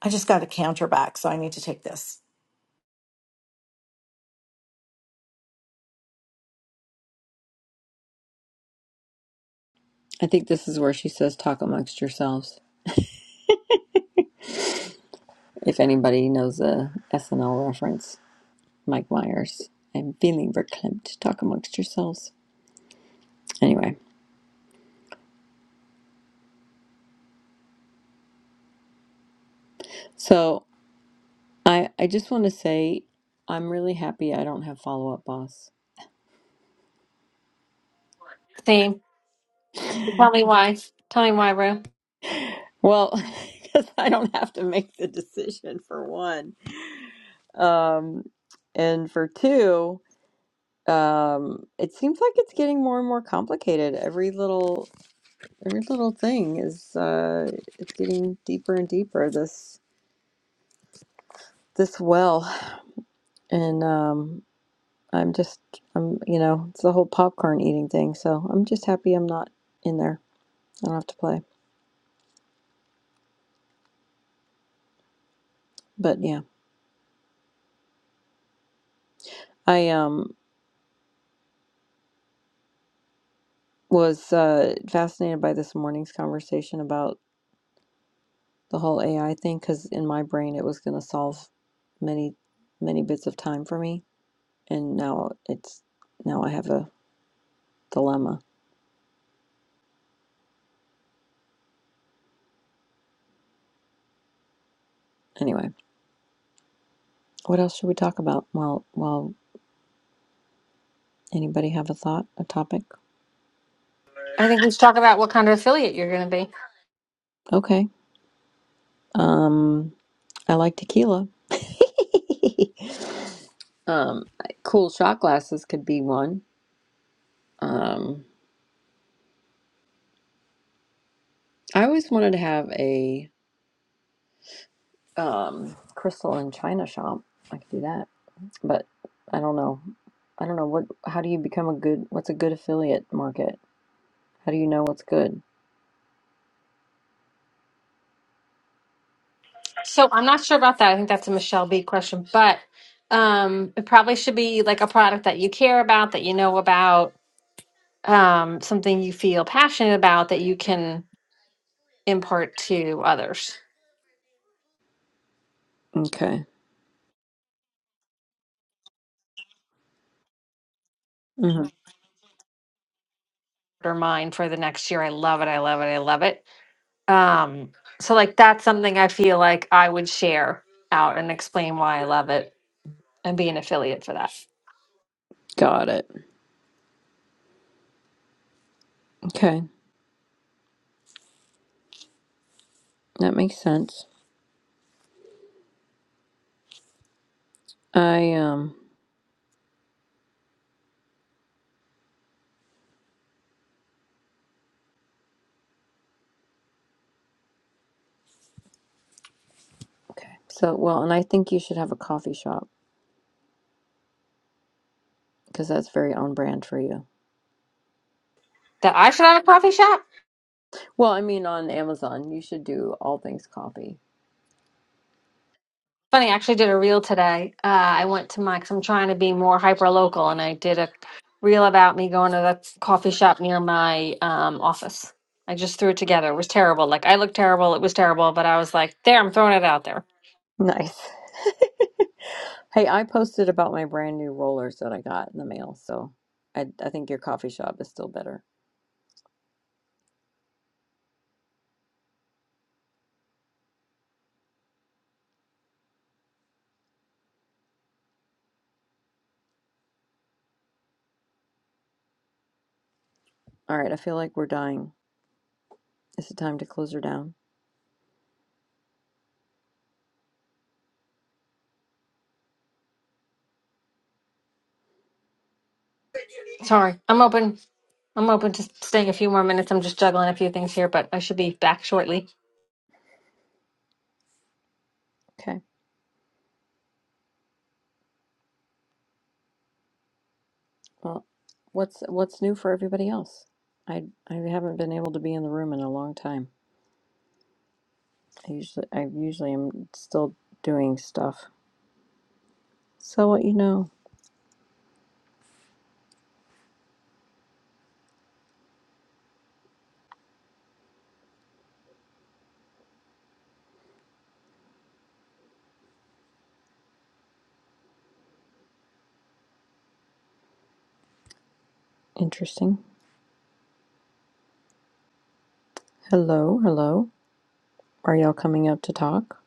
H: I just got a counter back, so I need to take this.
P: I think this is where she says, talk amongst yourselves. If anybody knows a SNL reference, Mike Myers. I'm feeling verklempt. Talk amongst yourselves. Anyway, so I, I just want to say I'm really happy I don't have follow up boss.
O: Same. Tell me why. Tell me why, bro.
P: Well, [laughs] because I don't have to make the decision for one. Um, and for two, um, it seems like it's getting more and more complicated. Every little every little thing is uh, it's getting deeper and deeper this this well. And um, I'm just I'm you know, it's the whole popcorn eating thing. So I'm just happy I'm not in there. I don't have to play. But yeah. I um was uh, fascinated by this morning's conversation about the whole AI thing because in my brain it was going to solve many, many bits of time for me, and now it's now I have a dilemma. Anyway, what else should we talk about? Well, well, anybody have a thought, a topic?
O: I think we should talk about what kind of affiliate you're going to be.
P: Okay. Um, I like tequila. [laughs] um, cool shot glasses could be one. Um, I always wanted to have a um crystal and china shop. I could do that. but I don't know. I don't know what how do you become a good what's a good affiliate market? How do you know what's good?
O: So I'm not sure about that. I think that's a Michelle B question, but um, it probably should be like a product that you care about, that you know about, um, something you feel passionate about that you can impart to others
P: Okay. hmm
O: or mine for the next year. I love it. I love it. I love it. Um, so like that's something I feel like I would share out and explain why I love it and be an affiliate for that.
P: Got it. Okay. That makes sense. I um okay. So well, and I think you should have a coffee shop because that's very on brand for you.
O: that I should have a coffee shop.
P: Well, I mean on Amazon, you should do all things coffee.
O: Funny, I actually did a reel today. Uh, I went to my, cause I'm trying to be more hyper local, and I did a reel about me going to the coffee shop near my um, office. I just threw it together. It was terrible. Like I looked terrible. It was terrible, but I was like, there, I'm throwing it out there.
P: Nice. Hey, I posted about my brand new rollers that I got in the mail, so I I think your coffee shop is still better. All right, I feel like we're dying. Is it time to close her down?
O: Sorry, I'm open. I'm open to staying a few more minutes. I'm just juggling a few things here, but I should be back shortly.
P: Okay. Well, what's what's new for everybody else? I I haven't been able to be in the room in a long time. I usually I usually am still doing stuff. So what you know. Interesting. Hello, hello. Are y'all coming up to talk?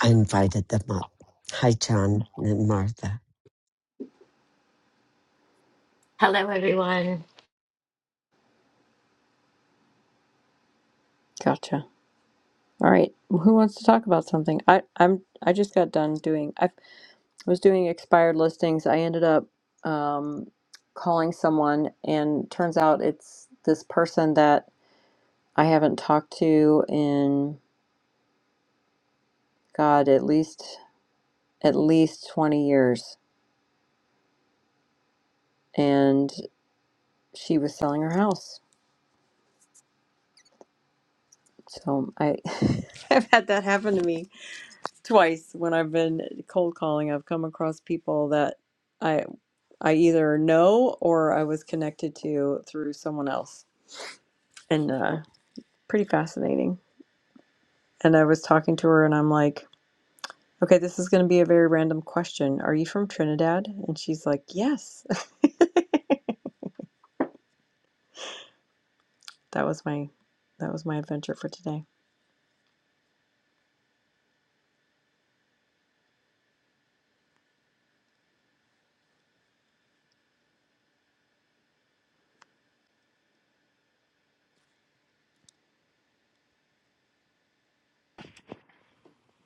A: I invited them up. Hi, John and Martha.
Q: Hello, everyone.
P: Gotcha. All right. Well, Who wants to talk about something? I I'm I just got done doing. I was doing expired listings. I ended up um, calling someone, and turns out it's this person that I haven't talked to in God at least at least twenty years, and she was selling her house. So I [laughs] I've had that happen to me twice when I've been cold calling, I've come across people that I I either know or I was connected to through someone else, and uh, pretty fascinating. And I was talking to her, and I'm like, "Okay, this is going to be a very random question. Are you from Trinidad?" And she's like, "Yes." [laughs] that was my that was my adventure for today.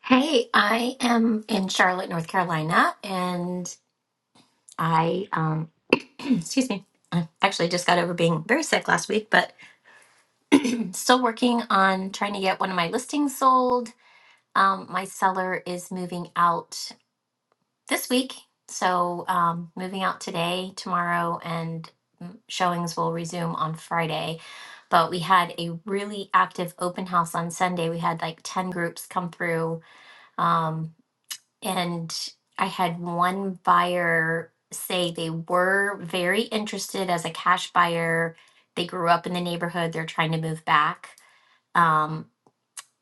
Q: Hey, I am in Charlotte, North Carolina, and I, um, [clears throat] excuse me, I actually just got over being very sick last week, but still working on trying to get one of my listings sold. Um, my seller is moving out this week, so um, moving out today, tomorrow, and mm, showings will resume on Friday. But we had a really active open house on Sunday. We had like 10 groups come through. Um, and I had one buyer say they were very interested as a cash buyer. They grew up in the neighborhood, they're trying to move back. Um,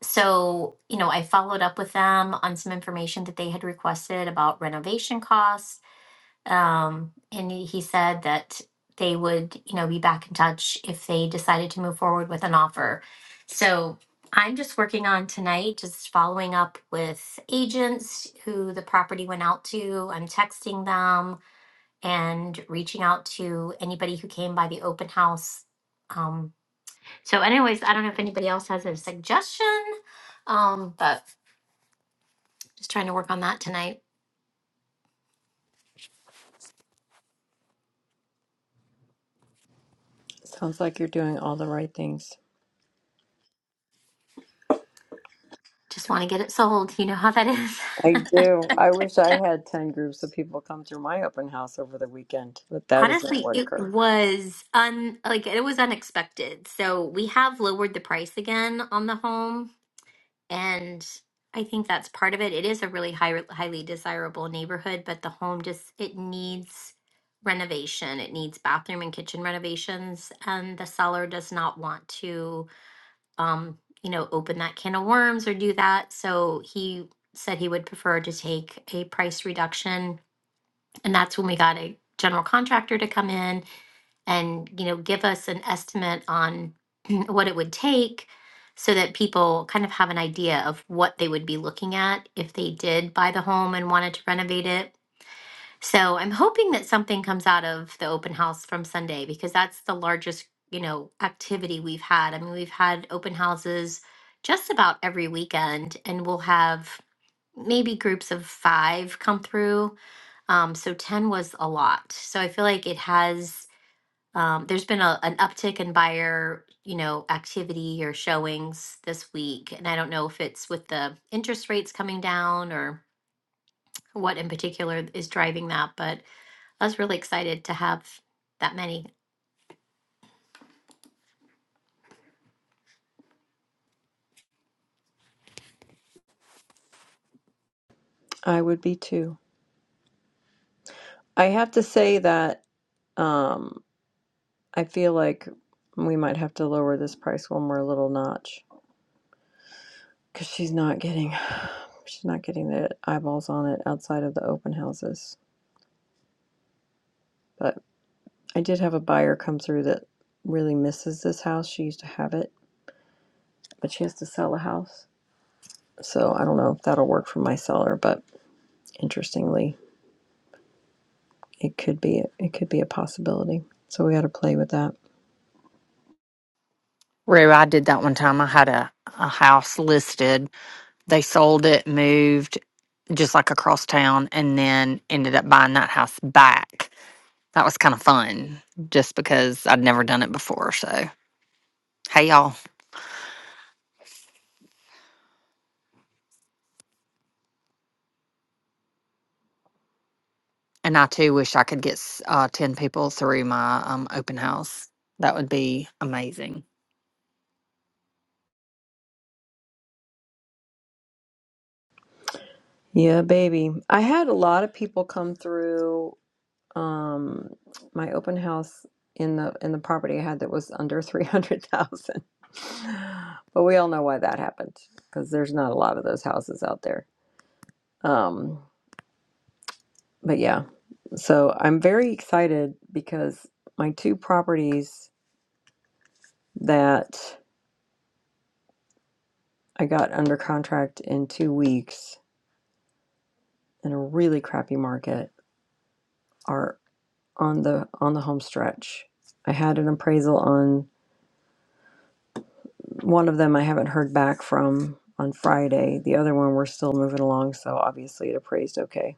Q: so, you know, I followed up with them on some information that they had requested about renovation costs um, and he he said that they would, you know, be back in touch if they decided to move forward with an offer. So I'm just working on tonight, just following up with agents who the property went out to. I'm texting them and reaching out to anybody who came by the open house. Um, so, anyways, I don't know if anybody else has a suggestion, um, but just trying to work on that tonight.
P: Sounds like you're doing all the right things.
Q: Just want to get it sold. You know how that is. [laughs]
P: I do. I wish I had 10 groups of people come through my open house over the weekend, but that is not
Q: Honestly,
P: what
Q: it
P: occurred.
Q: was un like it was unexpected. So we have lowered the price again on the home, and I think that's part of it. It is a really high, highly desirable neighborhood, but the home just it needs renovation. It needs bathroom and kitchen renovations, and the seller does not want to, um, you know, open that can of worms or do that. So he said he would prefer to take a price reduction, and that's when we got a general contractor to come in and you know give us an estimate on [clears throat] what it would take so that people kind of have an idea of what they would be looking at if they did buy the home and wanted to renovate it. So I'm hoping that something comes out of the open house from Sunday because that's the largest, you know, activity we've had. I mean, we've had open houses just about every weekend and we'll have maybe groups of 5 come through. Um so 10 was a lot. So I feel like it has um, there's been a, an uptick in buyer, you know, activity or showings this week, and I don't know if it's with the interest rates coming down or what in particular is driving that, but I was really excited to have that many.
P: I would be too. I have to say that um, I feel like we might have to lower this price one more little notch because she's not getting [sighs] she's not getting the eyeballs on it outside of the open houses. But I did have a buyer come through that really misses this house. She used to have it, but she has to sell a house. So I don't know if that'll work for my seller, but interestingly, it could be it could be a possibility. So we got to play with that.
R: Rue, I did that one time. I had a, a house listed. They sold it, moved just like across town, and then ended up buying that house back. That was kind of fun just because I'd never done it before. So, hey, y'all. And I too wish I could get s- uh, 10 people through my um, open house. That would be amazing.
P: Yeah, baby. I had a lot of people come through um my open house in the in the property I had that was under 300,000. [laughs] but we all know why that happened because there's not a lot of those houses out there. Um but yeah. So I'm very excited because my two properties that I got under contract in 2 weeks in a really crappy market are on the on the home stretch. I had an appraisal on One of them I haven't heard back from on Friday. The other one we're still moving along, so obviously it appraised okay.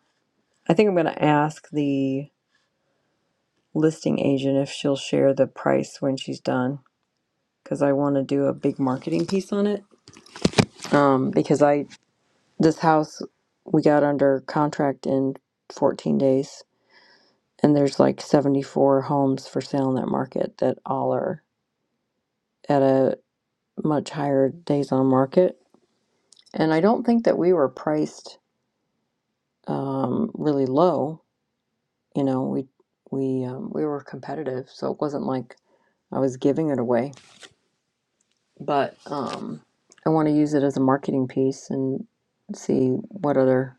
P: I think I'm going to ask the listing agent if she'll share the price when she's done because I want to do a big marketing piece on it. Um, because I this house we got under contract in 14 days, and there's like 74 homes for sale in that market that all are at a much higher days on market. And I don't think that we were priced um, really low. You know, we we um, we were competitive, so it wasn't like I was giving it away. But um, I want to use it as a marketing piece and see what other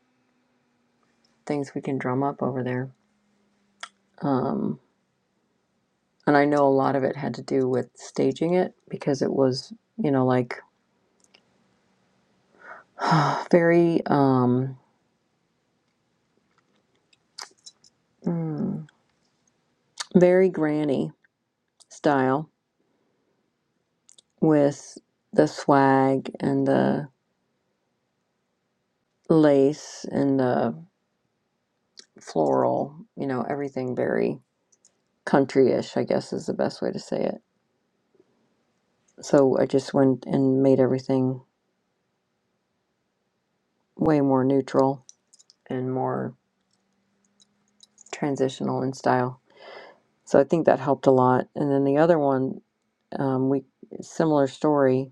P: things we can drum up over there. Um, and I know a lot of it had to do with staging it because it was, you know, like [sighs] very um, mm, very granny style with the swag and the lace and the floral, you know, everything very country-ish, I guess is the best way to say it. So I just went and made everything way more neutral and more transitional in style. So I think that helped a lot. And then the other one, um, we similar story,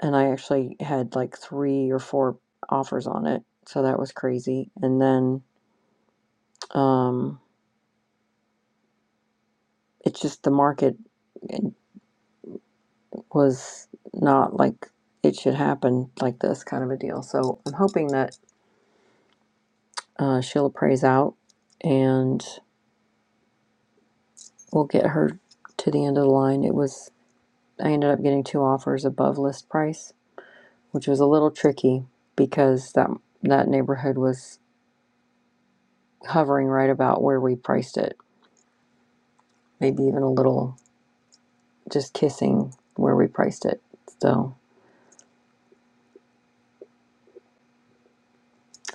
P: and I actually had like three or four offers on it, so that was crazy. And then um, it's just the market. was not like it should happen like this kind of a deal. So I'm hoping that uh, Sheila prays out and we'll get her to the end of the line. It was, I ended up getting two offers above list price, which was a little tricky because that, that neighborhood was hovering right about where we priced it, maybe even a little just kissing where we priced it. So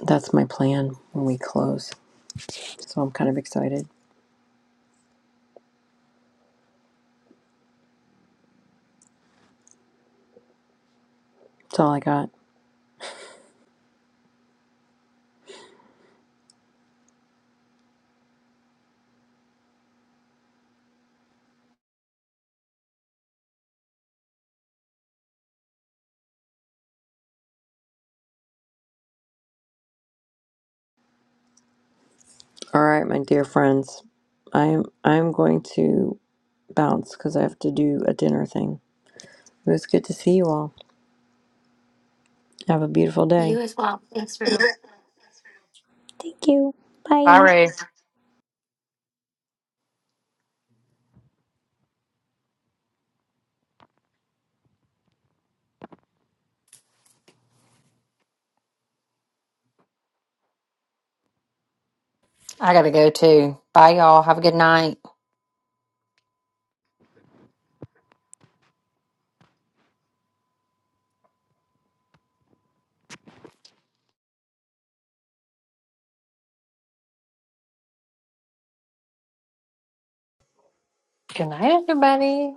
P: that's my plan when we close. So I'm kind of excited. That's all I got. All right, my dear friends, I'm I'm going to bounce because I have to do a dinner thing. It was good to see you all. Have a beautiful day.
Q: You as well. Thanks, Rue.
R: I got to go too. Bye, y'all. Have a good night.
O: Good night, everybody.